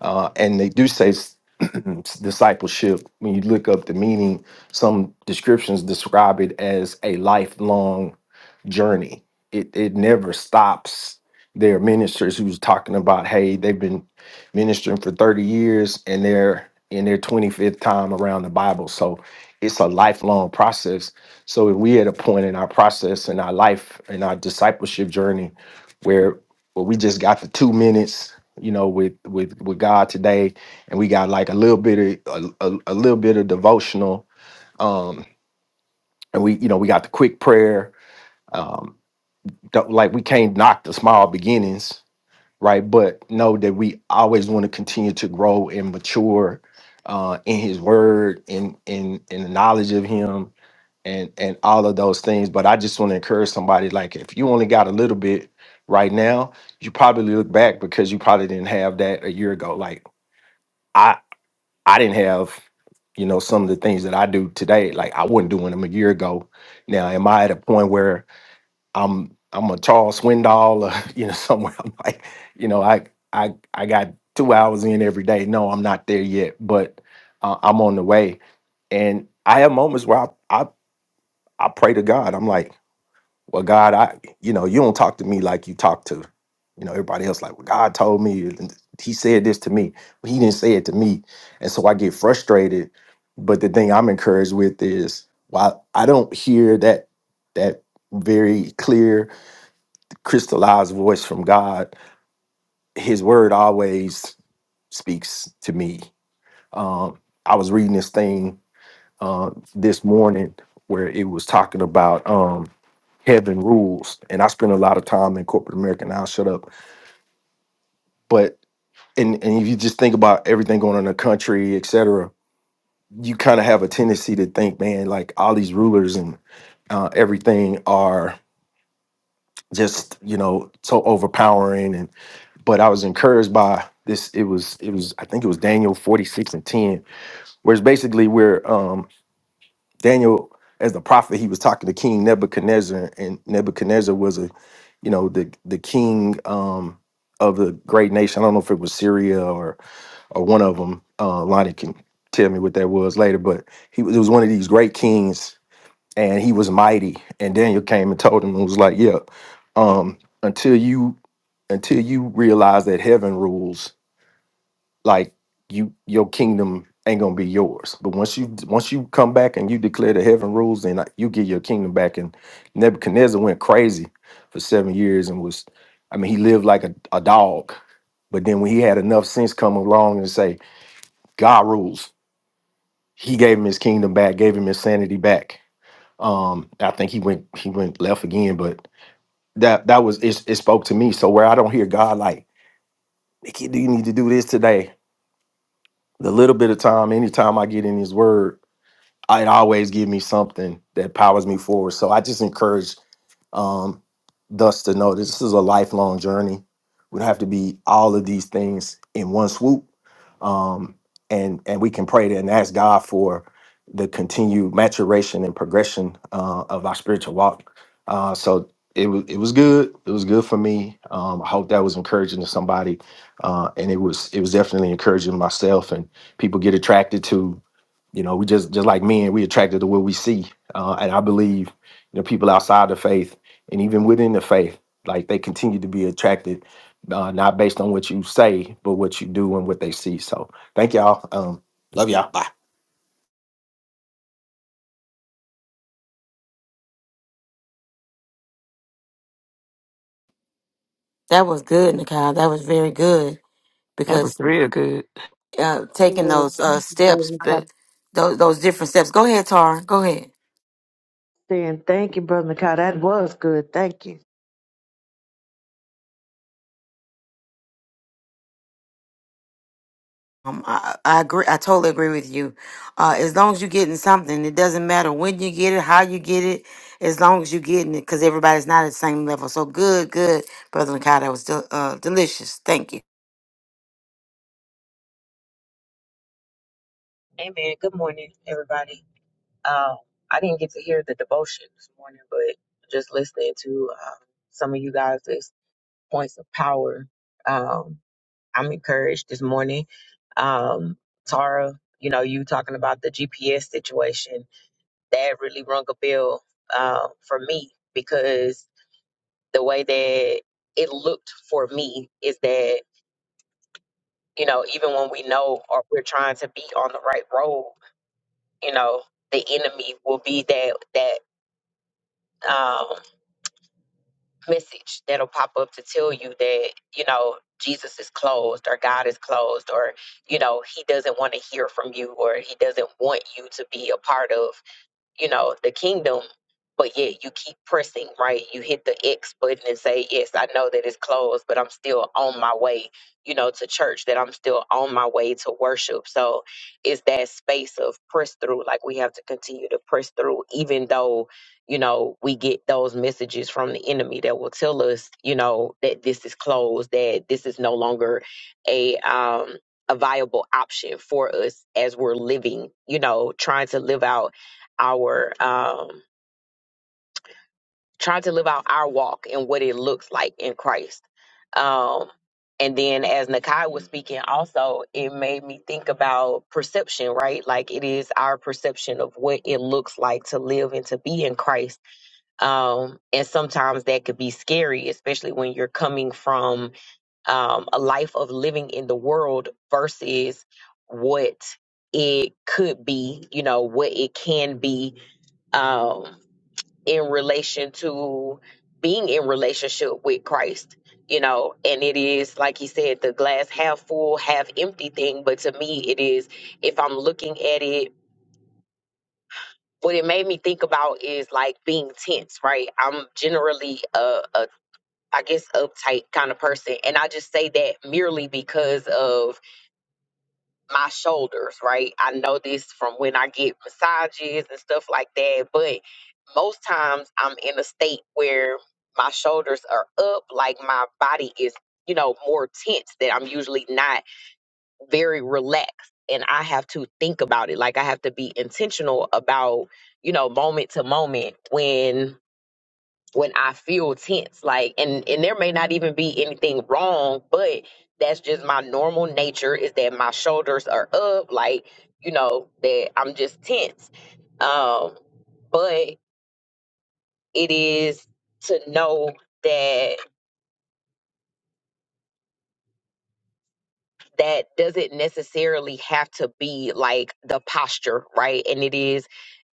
S4: uh and they do say s- [CLEARS THROAT] discipleship when you look up the meaning some descriptions describe it as a lifelong journey it it never stops there are ministers who's talking about hey they've been ministering for 30 years and they're in their 25th time around the bible so it's a lifelong process so if we at a point in our process in our life in our discipleship journey where. Well, we just got the two minutes, you know, with with with God today, and we got like a little bit of a, a, a little bit of devotional, um, and we you know we got the quick prayer. Um, don't- like we can't knock the small beginnings, right? But know that we always want to continue to grow and mature uh, in His Word, in in in the knowledge of Him, and and all of those things. But I just want to encourage somebody like if you only got a little bit right now, you probably look back because you probably didn't have that a year ago. Like I I didn't have you know some of the things that I do today. Like I wasn't doing them a year ago. Now am I at a point where I'm I'm a Charles Swindoll or [LAUGHS] you know somewhere I'm like you know I I I got two hours in every day. No, I'm not there yet, but uh, I'm on the way. And I have moments where I, I I pray to God. I'm like well god i you know you don't talk to me like you talk to you know everybody else like well god told me and he said this to me but he didn't say it to me and so i get frustrated but the thing i'm encouraged with is while i don't hear that that very clear crystallized voice from god his word always speaks to me um i was reading this thing uh, this morning where it was talking about Um, heaven rules. And I spend a lot of time in corporate America and I'll shut up. But and and if you just think about everything going on in the country, et cetera, you kind of have a tendency to think, man, like all these rulers and uh, everything are just, you know, so overpowering. And but I was encouraged by this. It was it was I think it was Daniel 46 and 10, where it's basically where um Daniel, as the prophet, he was talking to King Nebuchadnezzar, and Nebuchadnezzar was a, you know, the the king um, of a great nation. I don't know if it was Syria or or one of them. Uh, Lonnie can tell me what that was later, but he was, it was one of these great kings, and he was mighty. And Daniel came and told him and was like, "Yeah, um, until you." Until you realize that heaven rules, like you your kingdom ain't gonna be yours. But once you once you come back and you declare the heaven rules, then like, you get your kingdom back. And Nebuchadnezzar went crazy for seven years and was, I mean, he lived like a, a dog. But then when he had enough sense come along and say, God rules, he gave him his kingdom back, gave him his sanity back. Um, I think he went he went left again, but that that was it, it spoke to me. So where I don't hear God like, Nikki, do you need to do this today? The little bit of time, anytime I get in his word, it always give me something that powers me forward. So I just encourage um, thus to know this is a lifelong journey. We don't have to be all of these things in one swoop, um, and and we can pray that and ask God for the continued maturation and progression uh, of our spiritual walk. Uh, so it was it was good. It was good for me. Um, I hope that was encouraging to somebody, uh, and it was it was definitely encouraging myself and people get attracted to you know, we just just like men, we attracted to what we see. Uh, and I believe, you know, people outside the faith and even within the faith, like they continue to be attracted, uh, not based on what you say, but what you do and what they see. So thank y'all. Um, love y'all. Bye.
S1: That was good, Nikai. That was very good
S5: That was
S1: because
S5: real good.
S1: uh, taking those uh, steps, but those those different steps. Go ahead, Tara. Go ahead.
S2: Then thank you, Brother Mikhail. That was good. Thank you.
S1: Um, I, I agree. I totally agree with you. Uh, as long as you're getting something, it doesn't matter when you get it, how you get it. As long as you're getting it, because everybody's not at the same level. So good, good, brother Nikai. That was del- uh, delicious. Thank you.
S6: Amen. Good morning, everybody. Um, I didn't get to hear the devotion this morning, but just listening to um, some of you guys' points of power, um, I'm encouraged this morning. Um, Tara, you know, you talking about the GPS situation, that really rung a bell uh, for me because the way that it looked for me is that, you know, even when we know or we're trying to be on the right road, you know the enemy will be that that um, message that'll pop up to tell you that you know Jesus is closed or God is closed or you know he doesn't want to hear from you or he doesn't want you to be a part of you know, the kingdom. But yet you keep pressing, right? You hit the X button and say, Yes, I know that it's closed, but I'm still on my way, you know, to church, that I'm still on my way to worship. So it's that space of press through. Like we have to continue to press through, even though, you know, we get those messages from the enemy that will tell us, you know, that this is closed, that this is no longer a um a viable option for us as we're living, you know, trying to live out our um trying to live out our walk and what it looks like in Christ. Um and then as Nakai was speaking also it made me think about perception, right? Like it is our perception of what it looks like to live and to be in Christ. Um and sometimes that could be scary, especially when you're coming from um a life of living in the world versus what it could be, you know, what it can be Um, in relation to being in relationship with Christ, you know, and it is like he said, the glass half full, half empty thing. But to me, it is if I'm looking at it, what it made me think about is like being tense, right? I'm generally a, a I guess uptight kind of person, and I just say that merely because of my shoulders, right? I know this from when I get massages and stuff like that, but most times I'm in a state where my shoulders are up, like my body is, you know, more tense that I'm usually not very relaxed. And I have to think about it. Like I have to be intentional about, you know, moment to moment when when I feel tense. Like and and there may not even be anything wrong, but that's just my normal nature is that my shoulders are up, like, you know, that I'm just tense. Um, but it is to know that that doesn't necessarily have to be like the posture, right? And it is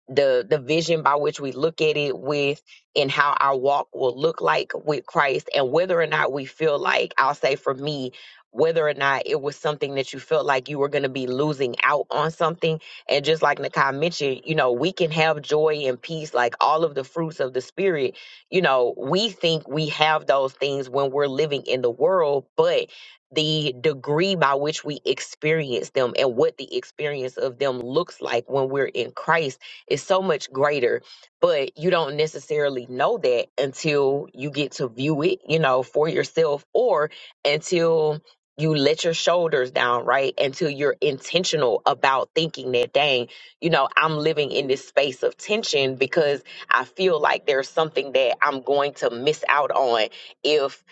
S6: the the vision by which we look at it with and how our walk will look like with Christ and whether or not we feel like I'll say for me whether or not it was something that you felt like you were going to be losing out on something and just like Nakai mentioned you know we can have joy and peace like all of the fruits of the spirit you know we think we have those things when we're living in the world but the degree by which we experience them and what the experience of them looks like when we're in Christ is so much greater, but you don't necessarily know that until you get to view it, you know, for yourself or until you let your shoulders down, right? Until you're intentional about thinking that, dang, you know, I'm living in this space of tension because I feel like there's something that I'm going to miss out on if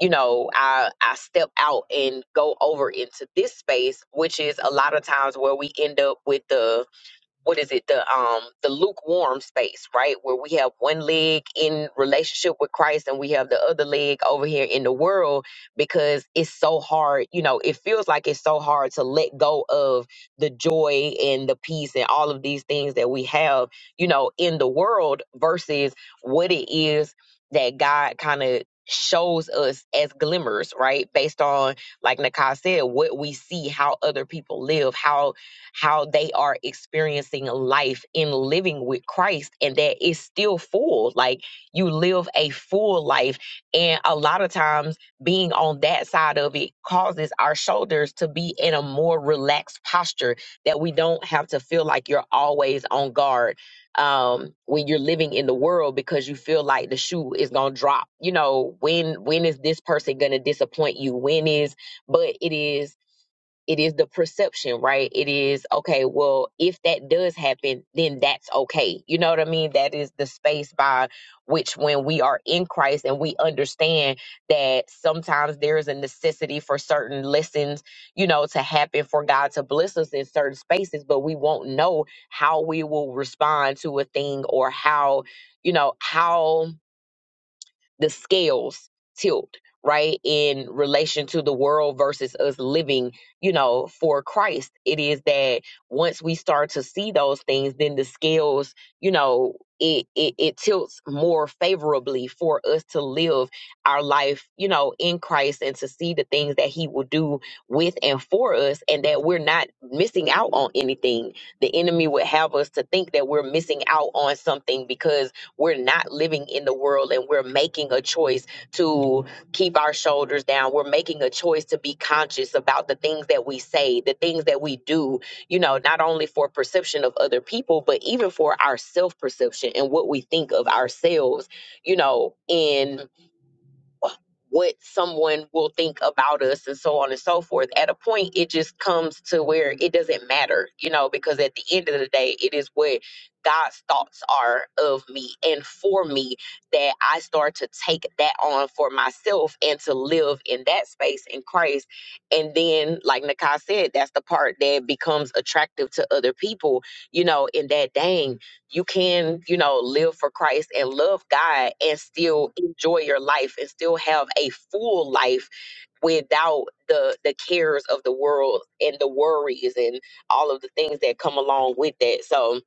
S6: you know i i step out and go over into this space which is a lot of times where we end up with the what is it the um the lukewarm space right where we have one leg in relationship with christ and we have the other leg over here in the world because it's so hard you know it feels like it's so hard to let go of the joy and the peace and all of these things that we have you know in the world versus what it is that god kind of shows us as glimmers right based on like nakai said what we see how other people live how how they are experiencing life in living with Christ and that it's still full. Like you live a full life. And a lot of times being on that side of it causes our shoulders to be in a more relaxed posture that we don't have to feel like you're always on guard um when you're living in the world because you feel like the shoe is going to drop you know when when is this person going to disappoint you when is but it is it is the perception, right? It is okay, well, if that does happen, then that's okay. You know what I mean? That is the space by which when we are in Christ and we understand that sometimes there is a necessity for certain lessons, you know, to happen for God to bless us in certain spaces, but we won't know how we will respond to a thing or how, you know, how the scales tilt right in relation to the world versus us living you know for christ it is that once we start to see those things then the scales you know it, it it tilts more favorably for us to live our life you know in christ and to see the things that he will do with and for us and that we're not missing out on anything the enemy would have us to think that we're missing out on something because we're not living in the world and we're making a choice to keep our shoulders down. We're making a choice to be conscious about the things that we say, the things that we do, you know, not only for perception of other people, but even for our self perception and what we think of ourselves, you know, in what someone will think about us and so on and so forth. At a point, it just comes to where it doesn't matter, you know, because at the end of the day, it is what God's thoughts are of me and for me that I start to take that on for myself and to live in that space in Christ. And then, like Nakai said, that's the part that becomes attractive to other people, you know, in that dang you can, you know, live for Christ and love God and still enjoy your life and still have a full life without the the cares of the world and the worries and all of the things that come along with that. So,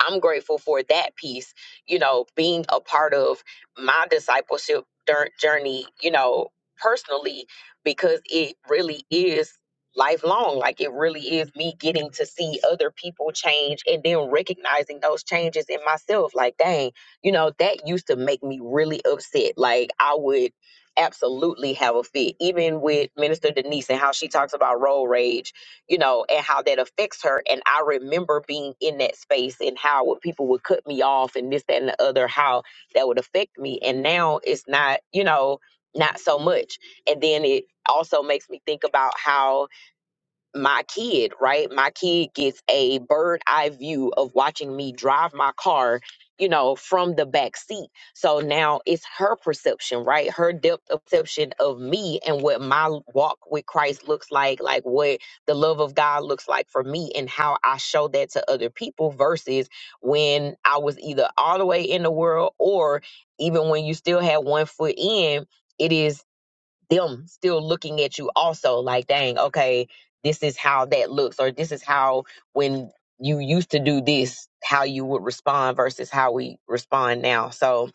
S6: I'm grateful for that piece, you know, being a part of my discipleship dur- journey, you know, personally, because it really is lifelong. Like it really is me getting to see other people change and then recognizing those changes in myself. Like, dang, you know, that used to make me really upset. Like, I would absolutely have a fit, even with Minister Denise and how she talks about road rage you know, and how that affects her. And I remember being in that space and how would- people would cut me off and this, that, and the other, how that would affect me. And now it's not, you know, not so much. And then it also makes me think about how my kid, right? My kid gets a bird eye view of watching me drive my car, you know, from the back seat. So now it's her perception, right? Her depth of perception of me and what my walk with Christ looks like, like what the love of God looks like for me and how I show that to other people versus when I was either all the way in the world or even when you still had one foot in. It is them still looking at you also like dang okay this is how that looks or this is how when you used to do this how you would respond versus how we respond now so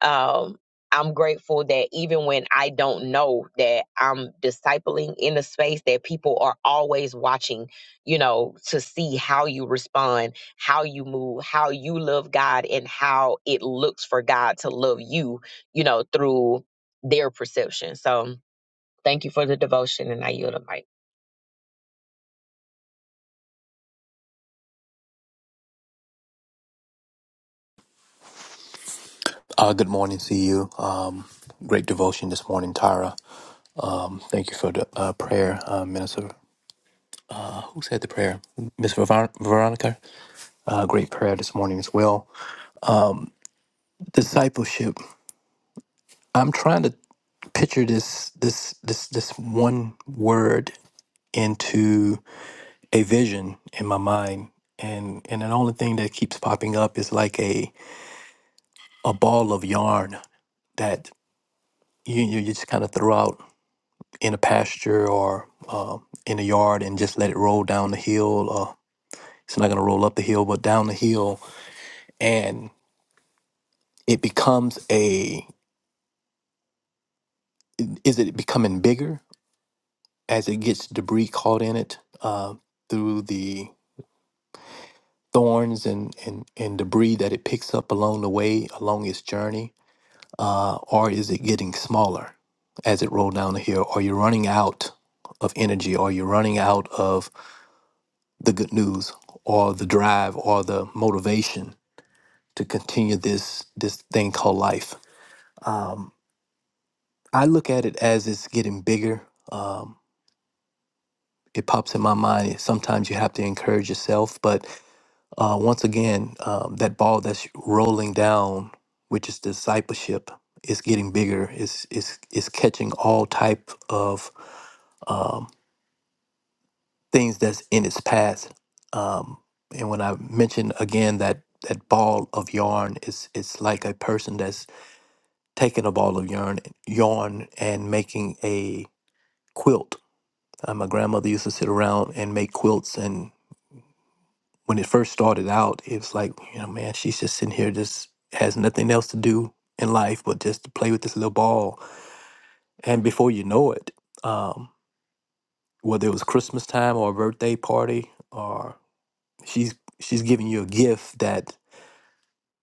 S6: um i'm grateful that even when i don't know that i'm discipling in a space that people are always watching you know to see how you respond how you move how you love god and how it looks for god to love you you know through their perception so Thank you for the devotion, and I yield the mic.
S7: Uh, good morning to you. Um, great devotion this morning, Tyra. Thank you for the uh, prayer, uh, Minister. Uh, who said the prayer? Miss Ver- Veronica. Uh, great prayer this morning as well. Discipleship. I'm trying to picture this this this this one word into a vision in my mind and and the only thing that keeps popping up is like a a ball of yarn that you you, you just kind of throw out in a pasture or uh, in a yard and just let it roll down the hill. Uh, it's not going to roll up the hill, but down the hill, and it becomes a. Is it becoming bigger as it gets debris caught in it uh, through the thorns and, and, and debris that it picks up along the way, along its journey, uh, or is it getting smaller as it rolled down the hill? Are you running out of energy? Are you running out of the good news or the drive or the motivation to continue this this thing called life. Um, I look at it as it's getting bigger. Um, it pops in my mind. Sometimes you have to encourage yourself, but uh, once again, um, that ball that's rolling down, which is discipleship, is getting bigger. It's it's it's catching all type of um, things that's in its path. Um, and when I mention again that that ball of yarn is it's like a person that's taking a ball of yarn yarn and making a quilt. Uh, my grandmother used to sit around and make quilts and when it first started out, it was like, you know, man, she's just sitting here just has nothing else to do in life but just to play with this little ball. And before you know it, um, whether it was Christmas time or a birthday party or she's she's giving you a gift that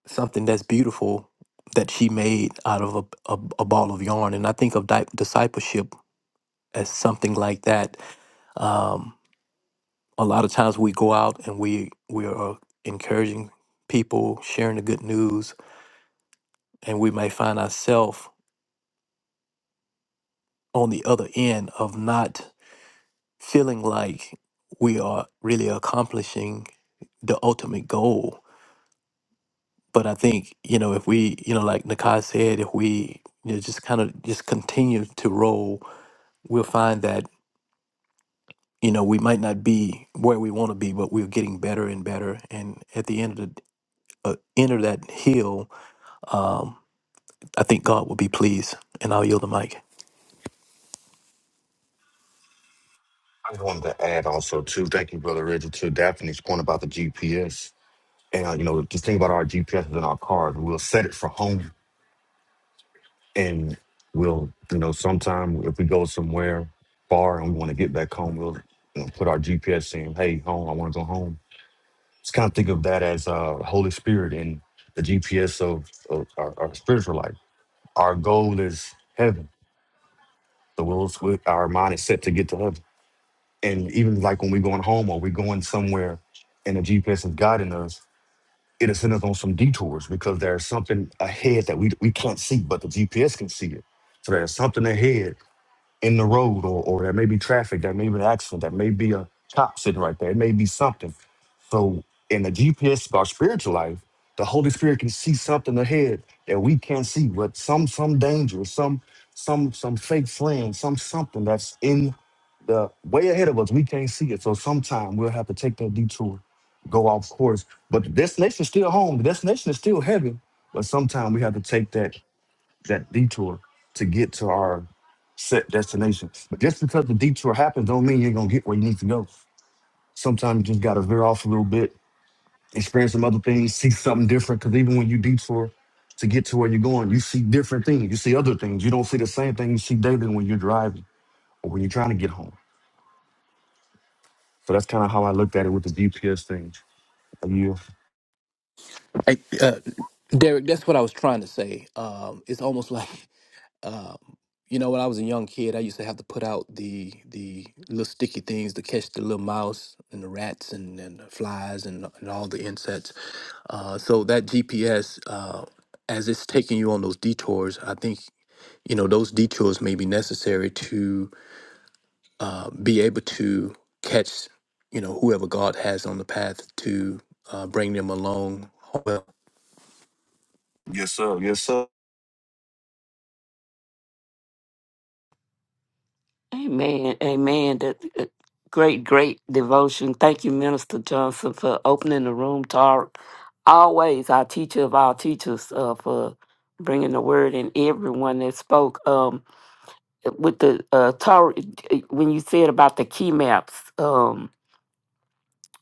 S7: something that's beautiful that she made out of a, a, a ball of yarn and i think of di- discipleship as something like that um, a lot of times we go out and we we are encouraging people sharing the good news and we may find ourselves on the other end of not feeling like we are really accomplishing the ultimate goal But I think, you know, if we, you know, like Nakai said, if we you know, just kind of just continue to roll, we'll find that, you know, we might not be where we want to be, but we're getting better and better. And at the end of the uh, end of that hill, um, I think God will be pleased. And I'll yield the mic.
S3: I just wanted to add also too, thank you, Brother Reggie, to Daphne's point about the GPS. And uh, you know, just think about our GPS in our cars. We'll set it for home and we'll, you know, sometime if we go somewhere far and we want to get back home, we'll you know, put our GPS in, hey, home, I want to go home. Just kind of think of that as uh Holy Spirit and the GPS of, of our, our spiritual life. Our goal is heaven. So we'll, our mind is set to get to heaven. And even like when we're going home or we're going somewhere and the GPS is guiding us, it'll send us on some detours because there's something ahead that we, we can't see, but the GPS can see it. So there's something ahead in the road, or or there may be traffic, there may be an accident, there may be a cop sitting right there, it may be something. So in the GPS of our spiritual life, the Holy Spirit can see something ahead that we can't see, but some some danger, some some some fake friend, some something that's in the way ahead of us. We can't see it. So sometime we'll have to take that detour, go off course. But the destination is still home. The destination is still heaven. But sometime we have to take that that detour to get to our set destinations. But just because the detour happens don't mean you're gonna get where you need to go. Sometimes you just gotta veer off a little bit, experience some other things, see something different. Cause even when you detour to get to where you're going, you see different things. You see other things. You don't see the same thing you see daily when you're driving or when you're trying to get home. So that's kind of how I looked at it with the GPS thing. Are you?
S7: Hey, uh, Derek, that's what I was trying to say. Um, it's almost like [LAUGHS] Um, you know, when I was a young kid, I used to have to put out the the little sticky things to catch the little mouse and the rats and, and the flies and, and all the insects. Uh, so that GPS, uh, as it's taking you on those detours, I think you know those detours may be necessary to uh, be able to catch you know whoever God has on the path to uh, bring them along
S3: Yes, sir. Yes, sir.
S5: Amen. Amen. That uh, great, great devotion. Thank you, Minister Johnson, for opening the room, Tara. Always our teacher of our teachers uh, for bringing the word and everyone that spoke. Um, with the uh, Tara, eh, when you said about the key maps, um,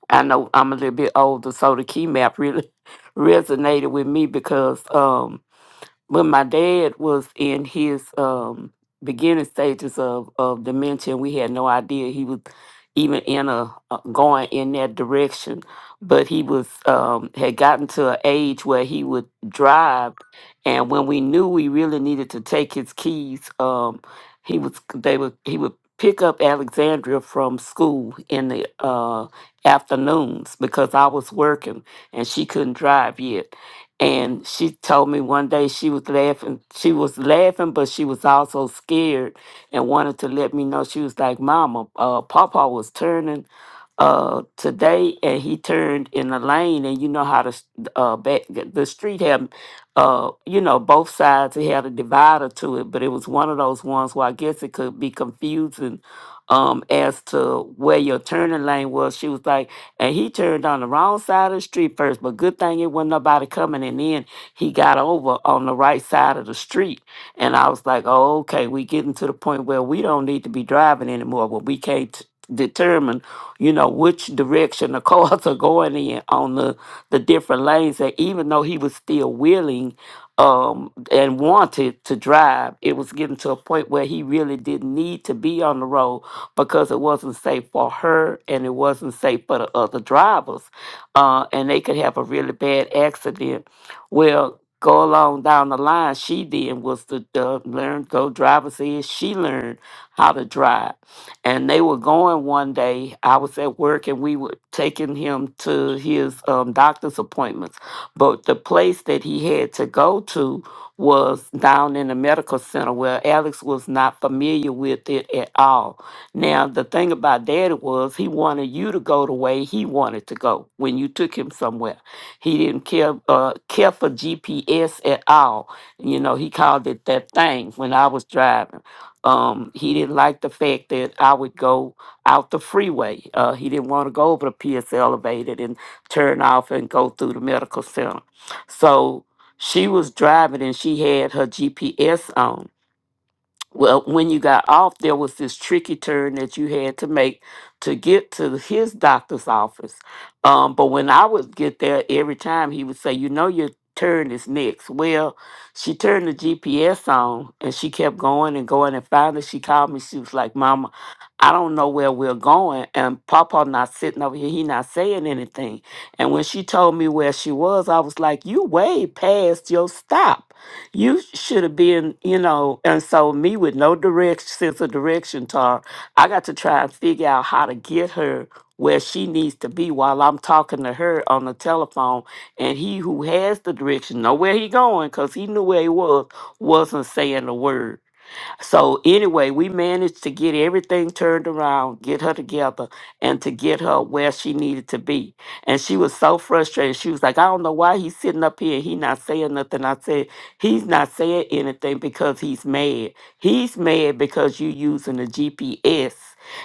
S5: I know I'm a little bit older, so the key map really [LAUGHS] resonated with me because. Um, when my dad was in his um beginning stages of of dementia we had no idea he was even in a uh, going in that direction but he was um had gotten to an age where he would drive and when we knew we really needed to take his keys um he was they would he would pick up alexandria from school in the uh afternoons because i was working and she couldn't drive yet and she told me one day she was laughing she was laughing but she was also scared and wanted to let me know she was like mama uh papa was turning uh today and he turned in the lane and you know how the s- uh back the street had uh you know both sides it had a divider to it but it was one of those ones where i guess it could be confusing um as to where your turning lane was she was like and he turned on the wrong side of the street first, but good thing it wasn't nobody coming. And then he got over on the right side of the street. And I was like, oh, okay, we getting to the point where we don't need to be driving anymore, but we can't t- determine, you know, which direction the cars [LAUGHS] are going in on the, the different lanes. And even though he was still willing um, and wanted to drive, it was getting to a point where he really didn't need to be on the road because it wasn't safe for her and it wasn't safe for the other drivers. Uh, and they could have a really bad accident. Well, go along down the line, she did was to uh, learn, go driver's ed. She learned how to drive. And they were going one day. I was at work and we were taking him to his um, doctor's appointments. But the place that he had to go to was down in the medical center where Alex was not familiar with it at all. Now, the thing about daddy was he wanted you to go the way he wanted to go when you took him somewhere. He didn't care uh, care for GPS at all. You know, he called it that thing when I was driving. Um, he didn't like the fact that I would go out the freeway. Uh, he didn't want to go over the PS elevated and turn off and go through the medical center. So she was driving and she had her GPS on well, when you got off, there was this tricky turn that you had to make to get to his doctor's office. Um, but when I would get there, every time he would say, You know, your turn is next. Well, she turned the GPS on and she kept going and going. And finally, she called me. She was like, Mama, I don't know where we're going. And Papa not sitting over here. He not saying anything. And when she told me where she was, I was like, You way past your stop you should have been, you know. And so, me with no direct sense of direction, Tar, I got to try and figure out how to get her where she needs to be while I'm talking to her on the telephone. And he who has the direction, know where he going, cause he knew where he was, wasn't saying a word. So anyway, we managed to get everything turned around, get her together, and to get her where she needed to be. And she was so frustrated. She was like, I don't know why he's sitting up here. He not saying nothing. I said, he's not saying anything because he's mad. He's mad because you using the GPS.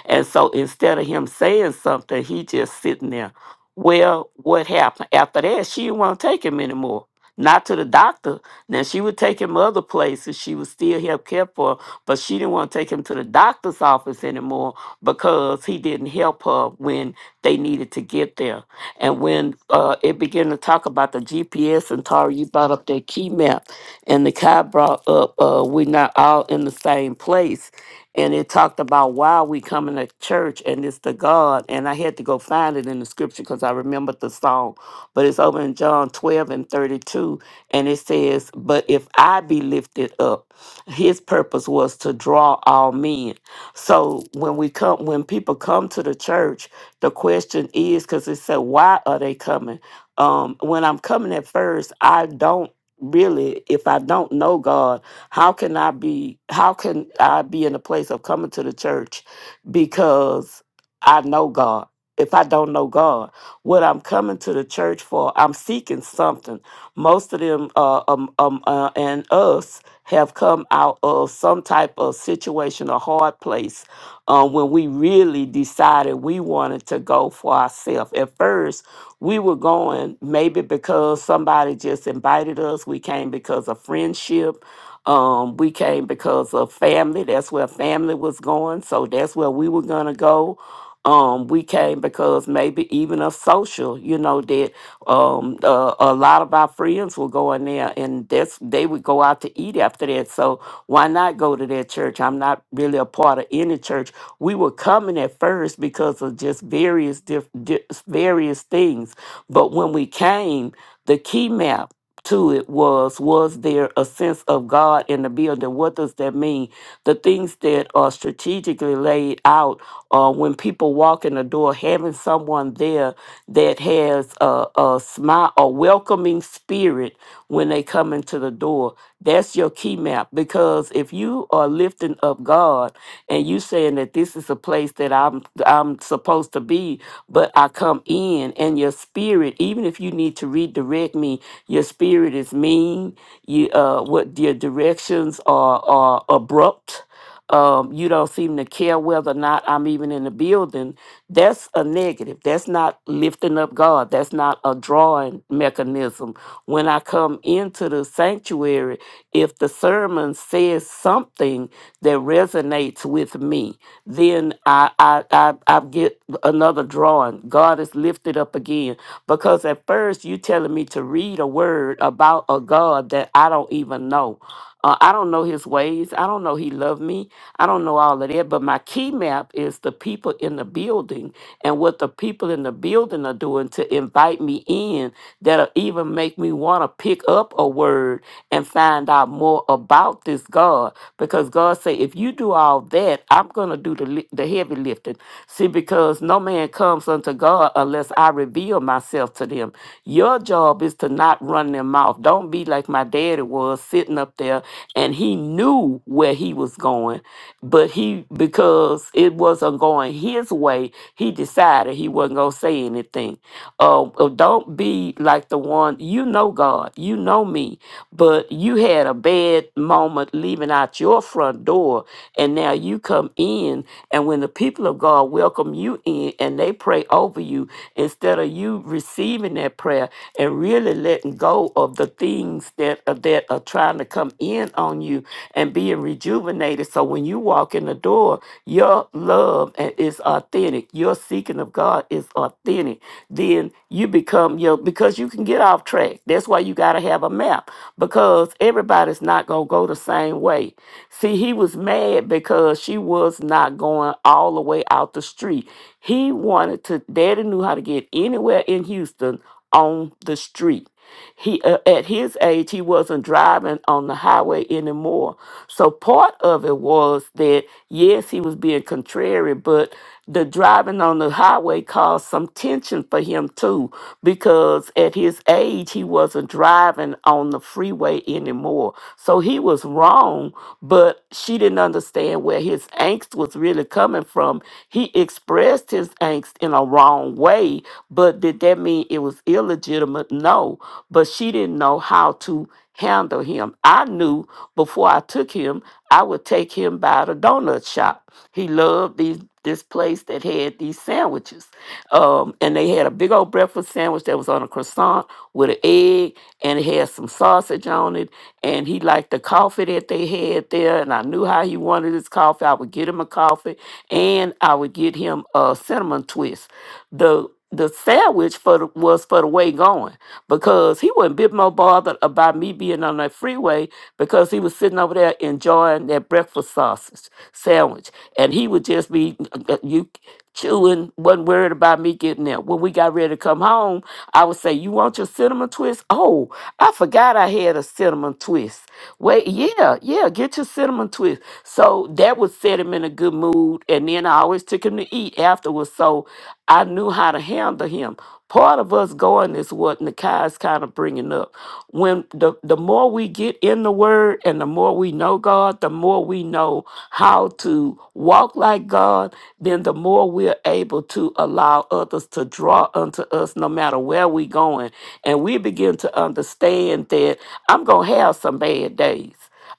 S5: And so instead of him saying something, he just sitting there. Well, what happened? After that, she didn't want to take him anymore. Not to the doctor, now she would take him other places. She was still help care for, him, but she didn't want to take him to the doctor's office anymore because he didn't help her when they needed to get there. And when uh, it began to talk about the GPS, and Tara, you brought up that key map, and the guy brought up, uh, we're not all in the same place. And it talked about why we coming to church and it's the God. And I had to go find it in the scripture because I remembered the song. But it's over in John 12 and 32. And it says, But if I be lifted up, his purpose was to draw all men so when we come when people come to the church the question is because it said why are they coming um when i'm coming at first i don't really if i don't know god how can i be how can i be in a place of coming to the church because i know god if i don't know god what i'm coming to the church for i'm seeking something most of them uh, um, um, uh, and us have come out of some type of situation, a hard place, uh, when we really decided we wanted to go for ourselves. At first, we were going maybe because somebody just invited us. We came because of friendship. Um, we came because of family. That's where family was going. So that's where we were going to go. Um, we came because maybe even of social, you know, that um, uh, a lot of our friends will go in there and that's, they would go out to eat after that. So why not go to that church? I'm not really a part of any church. We were coming at first because of just various diff- di- various things. But when we came, the key map to it was was there a sense of God in the building? What does that mean? the things that are strategically laid out uh, when people walk in the door, having someone there that has a, a smile, a welcoming spirit when they come into the door. That's your key map because if you are lifted gifting of God, and you saying that this is a place that I'm I'm supposed to be, but I come in and your spirit, even if you need to redirect me, your spirit is mean. You uh, what your directions are are abrupt. Um, you don't seem to care whether or not I'm even in the building. That's a negative. That's not lifting up God. That's not a drawing mechanism. When I come into the sanctuary, if the sermon says something that resonates with me, then I I I, I get another drawing. God is lifted up again because at first you telling me to read a word about a God that I don't even know. Uh, I don't know his ways. I don't know he loved me. I don't know all of that. But my key map is the people in the building and what the people in the building are doing to invite me in that'll even make me want to pick up a word and find out more about this God. Because God say, if you do all that, I'm going to do the, li- the heavy lifting. See, because no man comes unto God unless I reveal myself to them. Your job is to not run their mouth. Don't be like my my daddy was sitting up there and he knew where he was going, but he, because it wasn't going his way, he decided he wasn't going to say anything. Uh, uh, don't be like the one, you know God, you know me, but you had a bad moment leaving out your front door and now you come in and when the people of god welcome you in and they pray over you instead of you receiving that prayer and really letting letting go of the things that are, that are trying to come in on you and being rejuvenated. So when you walk in the door, your love a- is authentic. Your seeking of God is authentic. Then you become your because you can get off track. That's why you got to have a map because everybody's not going to go the same way. See, he was mad because she was not going all the way out the street. He wanted to, daddy knew how to get anywhere in Houston on the street. He uh, at his age he wasn't driving on the highway anymore. So part of it was that yes, he was being contrary, but the driving on the highway caused some tension for him too because at his age he wasn't driving on the freeway anymore. So he was wrong, but she didn't understand where his angst was really coming from. He expressed his angst in a wrong way, but did that mean it was illegitimate? No but she didn't know how to handle him. I knew before I took him, I would take him by the donut shop. He loved these this place that had these sandwiches. Um, and they had a big old breakfast sandwich that was on a croissant with an egg and it had some sausage on it and he liked the coffee that they had there. And I knew how he wanted his coffee. I would get him a coffee, and I would get him a cinnamon twist. the The sandwich for the, was for the way going because he wasn't a bit more bothered about me being on that freeway because he was sitting over there enjoying that breakfast sausage sandwich, and he would just be uh, uh, you chewing wasn't worried about me getting there. When we got ready to come home, I would say, "You want your cinnamon twist? Oh, I forgot I had a cinnamon twist. Wait, yeah, yeah, get your cinnamon twist." So that would set him in a good mood, and then I always took him to eat afterwards, so I knew how to handle him. Part of us going is what Nakai is kind of bringing up. When the, the more we get in the Word and the more we know God, the more we know how to walk like God, then the more we're able to allow others to draw unto us no matter where we're going. And we begin to understand that I'm going to have some bad days.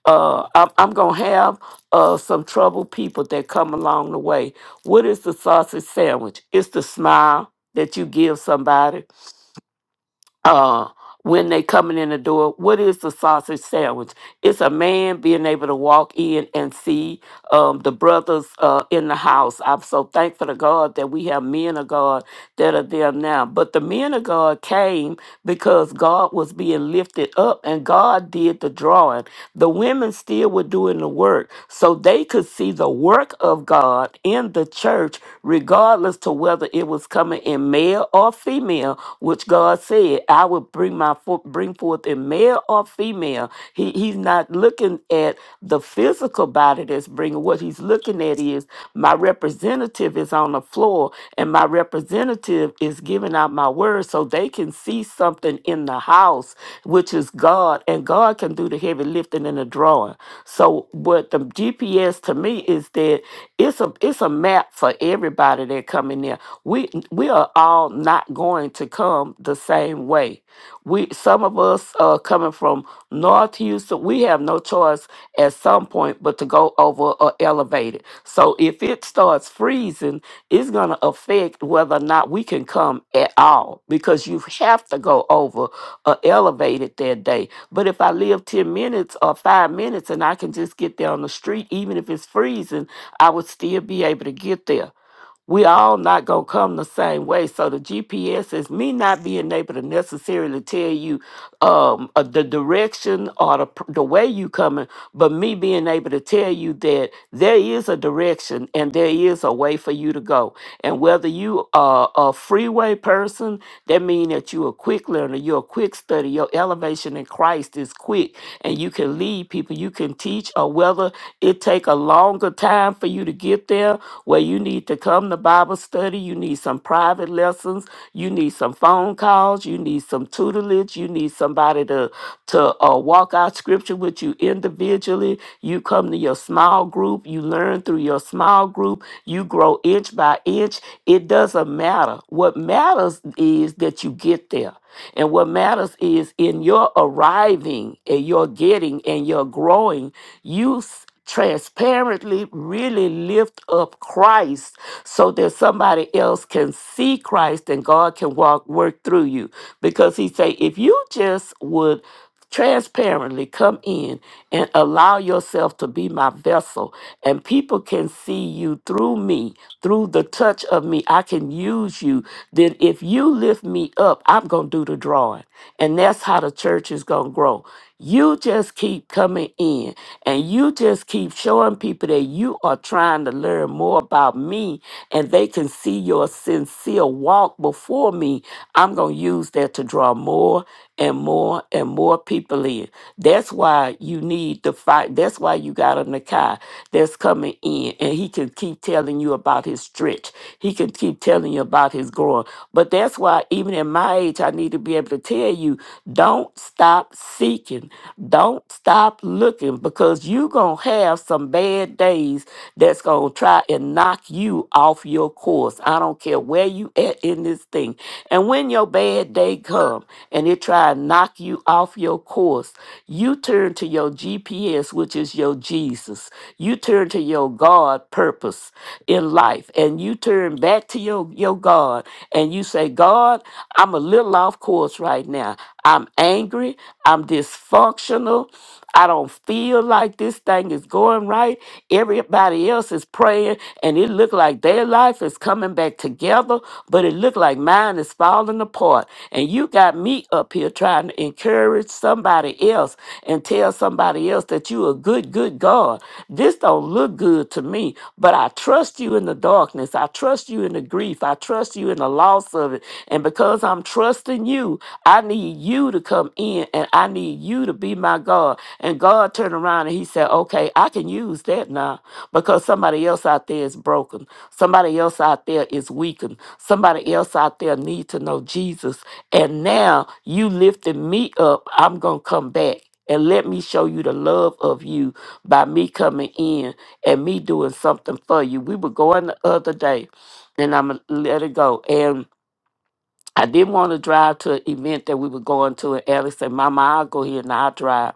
S5: Uh, I'm, I'm going to have uh, some troubled people that come along the way. What is the sausage sandwich? It's the smile that you give somebody uh, when they coming in the door. What is the sausage sandwich? It's a man being able to walk in and see um, the brothers uh, in the house. I'm so thankful to God that we have men of God that are there now. But the men of God came because God was being lifted up and God did the drawing. The women still were doing the work so they could see the work of God in the church, regardless to whether it was coming in male or female, which God said, I would bring my fo- bring forth in male or female female. He he's not looking at the physical body that's bringing. What he's looking at is my representative is on the floor, and my representative is giving out my word, so they can see something in the house, which is God, and God can do the heavy lifting and the drawing. So what the GPS to me is that it's a it's a map for everybody that come in there. We we are all not going to come come the same way. We some of us uh, coming from North Houston, we have no choice at some point but to go over or elevate it. So if it starts freezing, it's gonna affect whether or not we can come at all because you have to go over or elevate it that day. But if I live 10 minutes or five minutes and I can just get there on the street, even if it's freezing, I would still be able to get there we all not gonna come the same way. So the GPS is me not being able to necessarily tell you um, uh, the direction or the pr- the way you coming, but me being able to tell you that there is a direction and there is a way for you to go. And whether you are a freeway person, that means that you a quick learner, you're a quick study, your elevation in Christ is quick, and you can lead people, you can teach, or whether it take a longer time for you to get there where you need to come to Bible study, you need some private lessons, you need some phone calls, you need some tutelage, you need somebody to to uh, walk out scripture with you individually. You come to your small group, you learn through your small group, you grow inch by inch. It doesn't matter. What matters is that you get there. And what matters is in your arriving and your getting and your growing, you transparently really lift up Christ so that somebody else can see Christ and God can walk work through you because he say if you just would transparently come in and allow yourself to be my vessel and people can see you through me through the touch of me I can use you then if you lift me up I'm going to do the drawing and that's how the church is going to grow you just keep coming in and you just keep showing people that you are trying to learn more about me and they can see your sincere walk before me. I'm going to use that to draw more and more and more people in. That's why you need to fight. That's why you got a Nakai that's coming in and he can keep telling you about his stretch. He can keep telling you about his growing. But that's why, even in my age, I need to be able to tell you don't stop seeking, don't stop looking, because you're going to have some bad days that's going to try and knock you off your course. I don't care where you at in this thing. And when your bad day come and it try and knock you off your course, you turn to your GPS, which is your Jesus. You turn to your God purpose in life, and you turn back to your, your God, and you say, God, I'm a little off course right now. I'm angry. I'm dysfunctional. I don't feel like this thing is going right. Everybody else is praying, and it looked like their life is coming back together, but it looked like mine is falling apart. And you got me up here trying to encourage somebody else and tell somebody else that you a good, good God. This don't look good to me, but I trust you in the darkness. I trust you in the grief. I trust you in the loss of it. And because I'm trusting you, I need you to come in and I need you to be my God. And God turned around and he said, Okay, I can use that now because somebody else out there is broken. Somebody else out there is weakened. Somebody else out there need to know Jesus. And now you lifted me up. I'm going to come back. And let me show you the love of you by me coming in and me doing something for you. We were going the other day, and I'm going to let it go. I didn't want to drive to an event that we were going to, and Ellie said, Mama, I'll go here and I'll drive.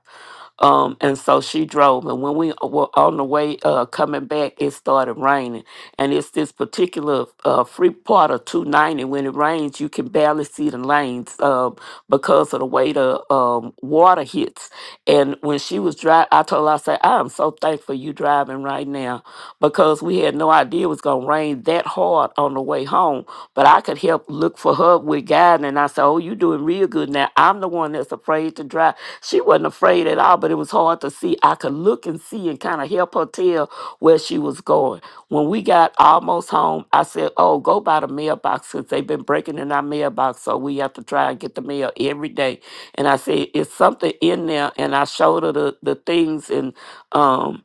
S5: Um, and so she drove, and when we were on the way uh, coming back, it started raining. And it's this particular uh, free part of 290. When it rains, you can barely see the lanes um, because of the way the um, water hits. And when she was driving, I told her, I said, I am so thankful you driving right now because we had no idea it was going to rain that hard on the way home but I could help look for her with God. And I said, Oh, you doing real good now. I'm the one that's afraid to drive. She wasn't afraid at all, but it was hard to see. I could look and see and kind of help her tell where she was going. When we got almost home, I said, Oh, go by the mailbox since they've been breaking in our mailbox. So we have to try and get the mail every day. And I said, It's something in there. And I showed her the, the things and, um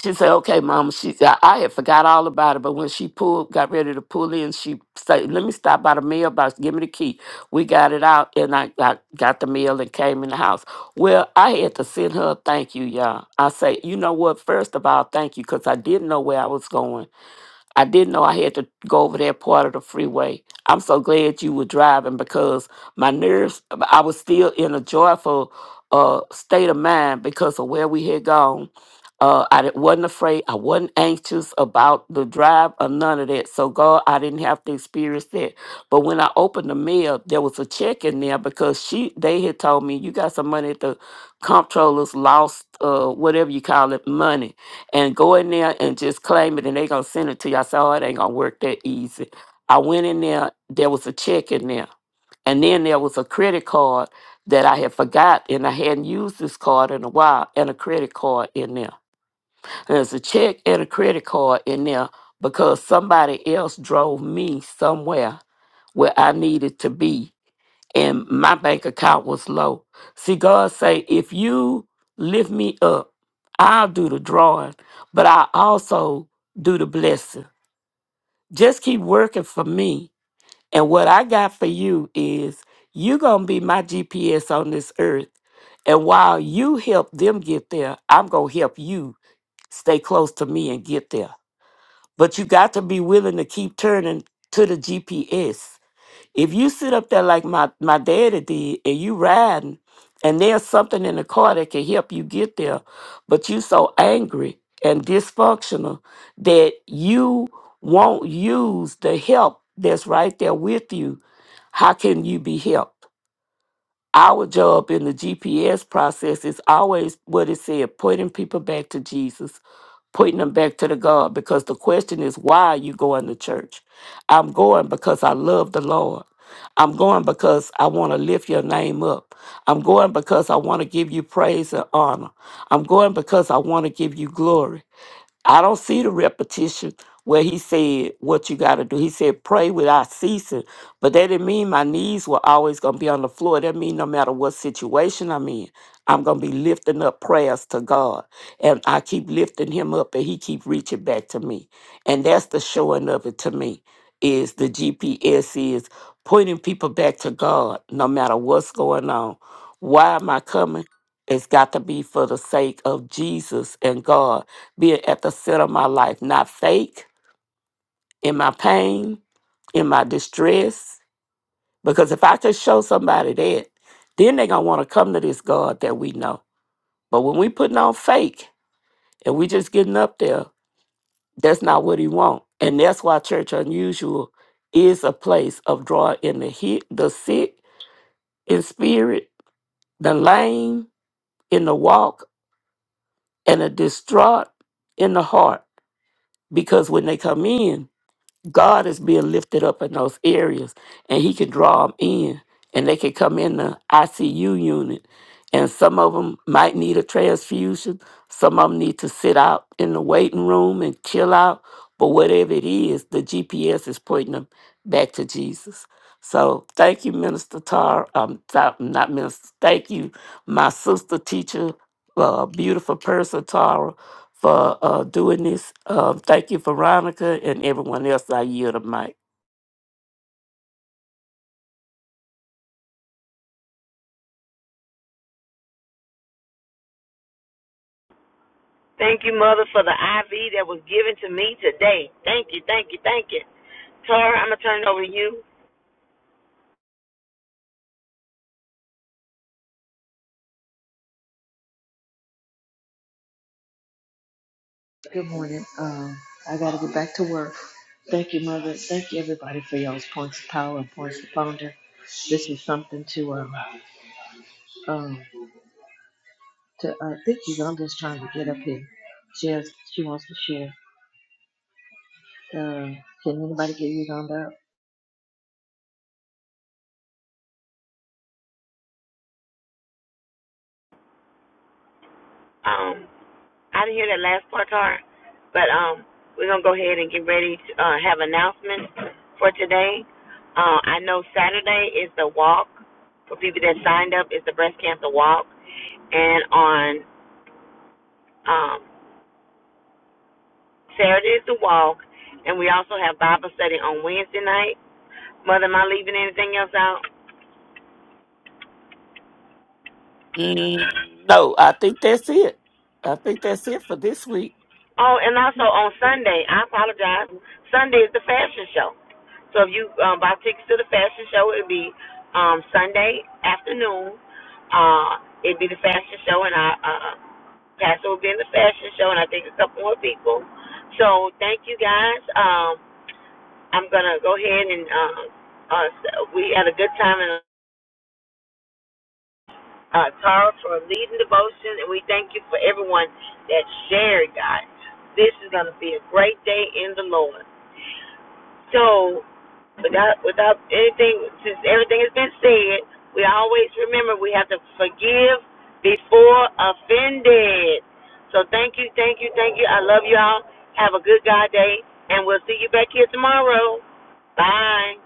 S5: she said, "Okay, Mama." She said, "I had forgot all about it, but when she pulled, got ready to pull in, she said, 'Let me stop by the mailbox. Give me the key." We got it out, and I, I got the mail and came in the house. Well, I had to send her a thank you, y'all. I say, "You know what? First of all, thank you, because I didn't know where I was going." I didn't know I had to go over that part of the freeway. I'm so glad you were driving because my nerves, I was still in a joyful uh, state of mind because of where we had gone. Uh, I di- wasn't afraid. I wasn't anxious about the drive or none of that. So, God, I didn't have to experience that. But when I opened the mail, there was a check in there because she they had told me, you got some money at the comptroller's lost, uh, whatever you call it, money and go in there and just claim it and they gonna send it to you. I said, Oh, it ain't gonna work that easy. I went in there, there was a check in there. And then there was a credit card that I had forgot and I hadn't used this card in a while and a credit card in there. And there's a check and a credit card in there because somebody else drove me somewhere where I needed to be and my bank account was low. See, God say, if you lift me up, I'll do the drawing, but I also do the blessing. Just keep working for me. And what I got for you is you gonna be my GPS on this earth. And while you help them get there, I'm gonna help you stay close to me and get there. But you got to be willing to keep turning to the GPS if you sit up there like my, my daddy did and you riding and there's something in the car that can help you get there, but you so angry and dysfunctional that you won't use the help that's right there with you, how can you be helped? Our job in the GPS process is always what it said, pointing people back to Jesus Pointing them back to the God because the question is, why are you going to church? I'm going because I love the Lord. I'm going because I want to lift your name up. I'm going because I want to give you praise and honor. I'm going because I want to give you glory. I don't see the repetition where he said what you got to do. He said pray without ceasing, but that didn't mean my knees were always going to be on the floor. That mean no matter what situation I'm in, I'm going to be lifting up prayers to God, and I keep lifting Him up, and He keep reaching back to me, and that's the showing of it to me. Is the GPS is pointing people back to God, no matter what's going on. Why am I coming? It's got to be for the sake of Jesus and God be at the center of my life, not fake in my pain, in my distress. Because if I could show somebody that, then they're gonna want to come to this God that we know. But when we putting on fake and we just getting up there, that's not what he want. And that's why Church Unusual is a place of drawing in the hit, the sick in spirit, the lame in the walk, and the distraught in the heart. Because when they come in, God is being lifted up in those areas, and He can draw them in, and they can come in the ICU unit. And some of them might need a transfusion. Some of them need to sit out in the waiting room and chill out. But whatever it is, the GPS is pointing them back to Jesus. So thank you, Minister Tar. Um, Ta- not Minister. Thank you, my sister teacher, uh, beautiful person Tara for uh, doing this. Um, thank you, Veronica, and everyone else. I yield the mic.
S1: Thank you, Mother, for the IV that was given to me today. Thank you, thank you, thank you. Tara, I'm gonna turn it over to you.
S2: Good morning. Um, I got to go back to work. Thank you, Mother. Thank you, everybody, for y'all's points of power and points of founder. This was something to, um, um, to uh, I think Uganda's trying to get up here. She has, she wants to share. Uh, can anybody get Uganda? up?
S1: Um, I didn't hear that last part, Tara, but um, we're gonna go ahead and get ready to uh, have announcements for today. Uh, I know Saturday is the walk for people that signed up. It's the breast cancer walk, and on um, Saturday is the walk, and we also have Bible study on Wednesday night. Mother, am I leaving anything else out?
S5: Mm, no, I think that's it. I think that's it for this week.
S1: Oh, and also on Sunday, I apologize. Sunday is the fashion show. So if you um, buy tickets to the fashion show, it'll be um, Sunday afternoon. Uh, it'll be the fashion show, and I, uh, Pastor will be in the fashion show, and I think a couple more people. So thank you guys. Um, I'm gonna go ahead and um, uh, we had a good time in uh, Tara for leading devotion, and we thank you for everyone that shared, guys. This is going to be a great day in the Lord. So without without anything since everything has been said, we all remember we have to forgive before offended. So thank you, thank you, thank you. I love y'all. Have a good God day and we'll see you back here tomorrow. Bye.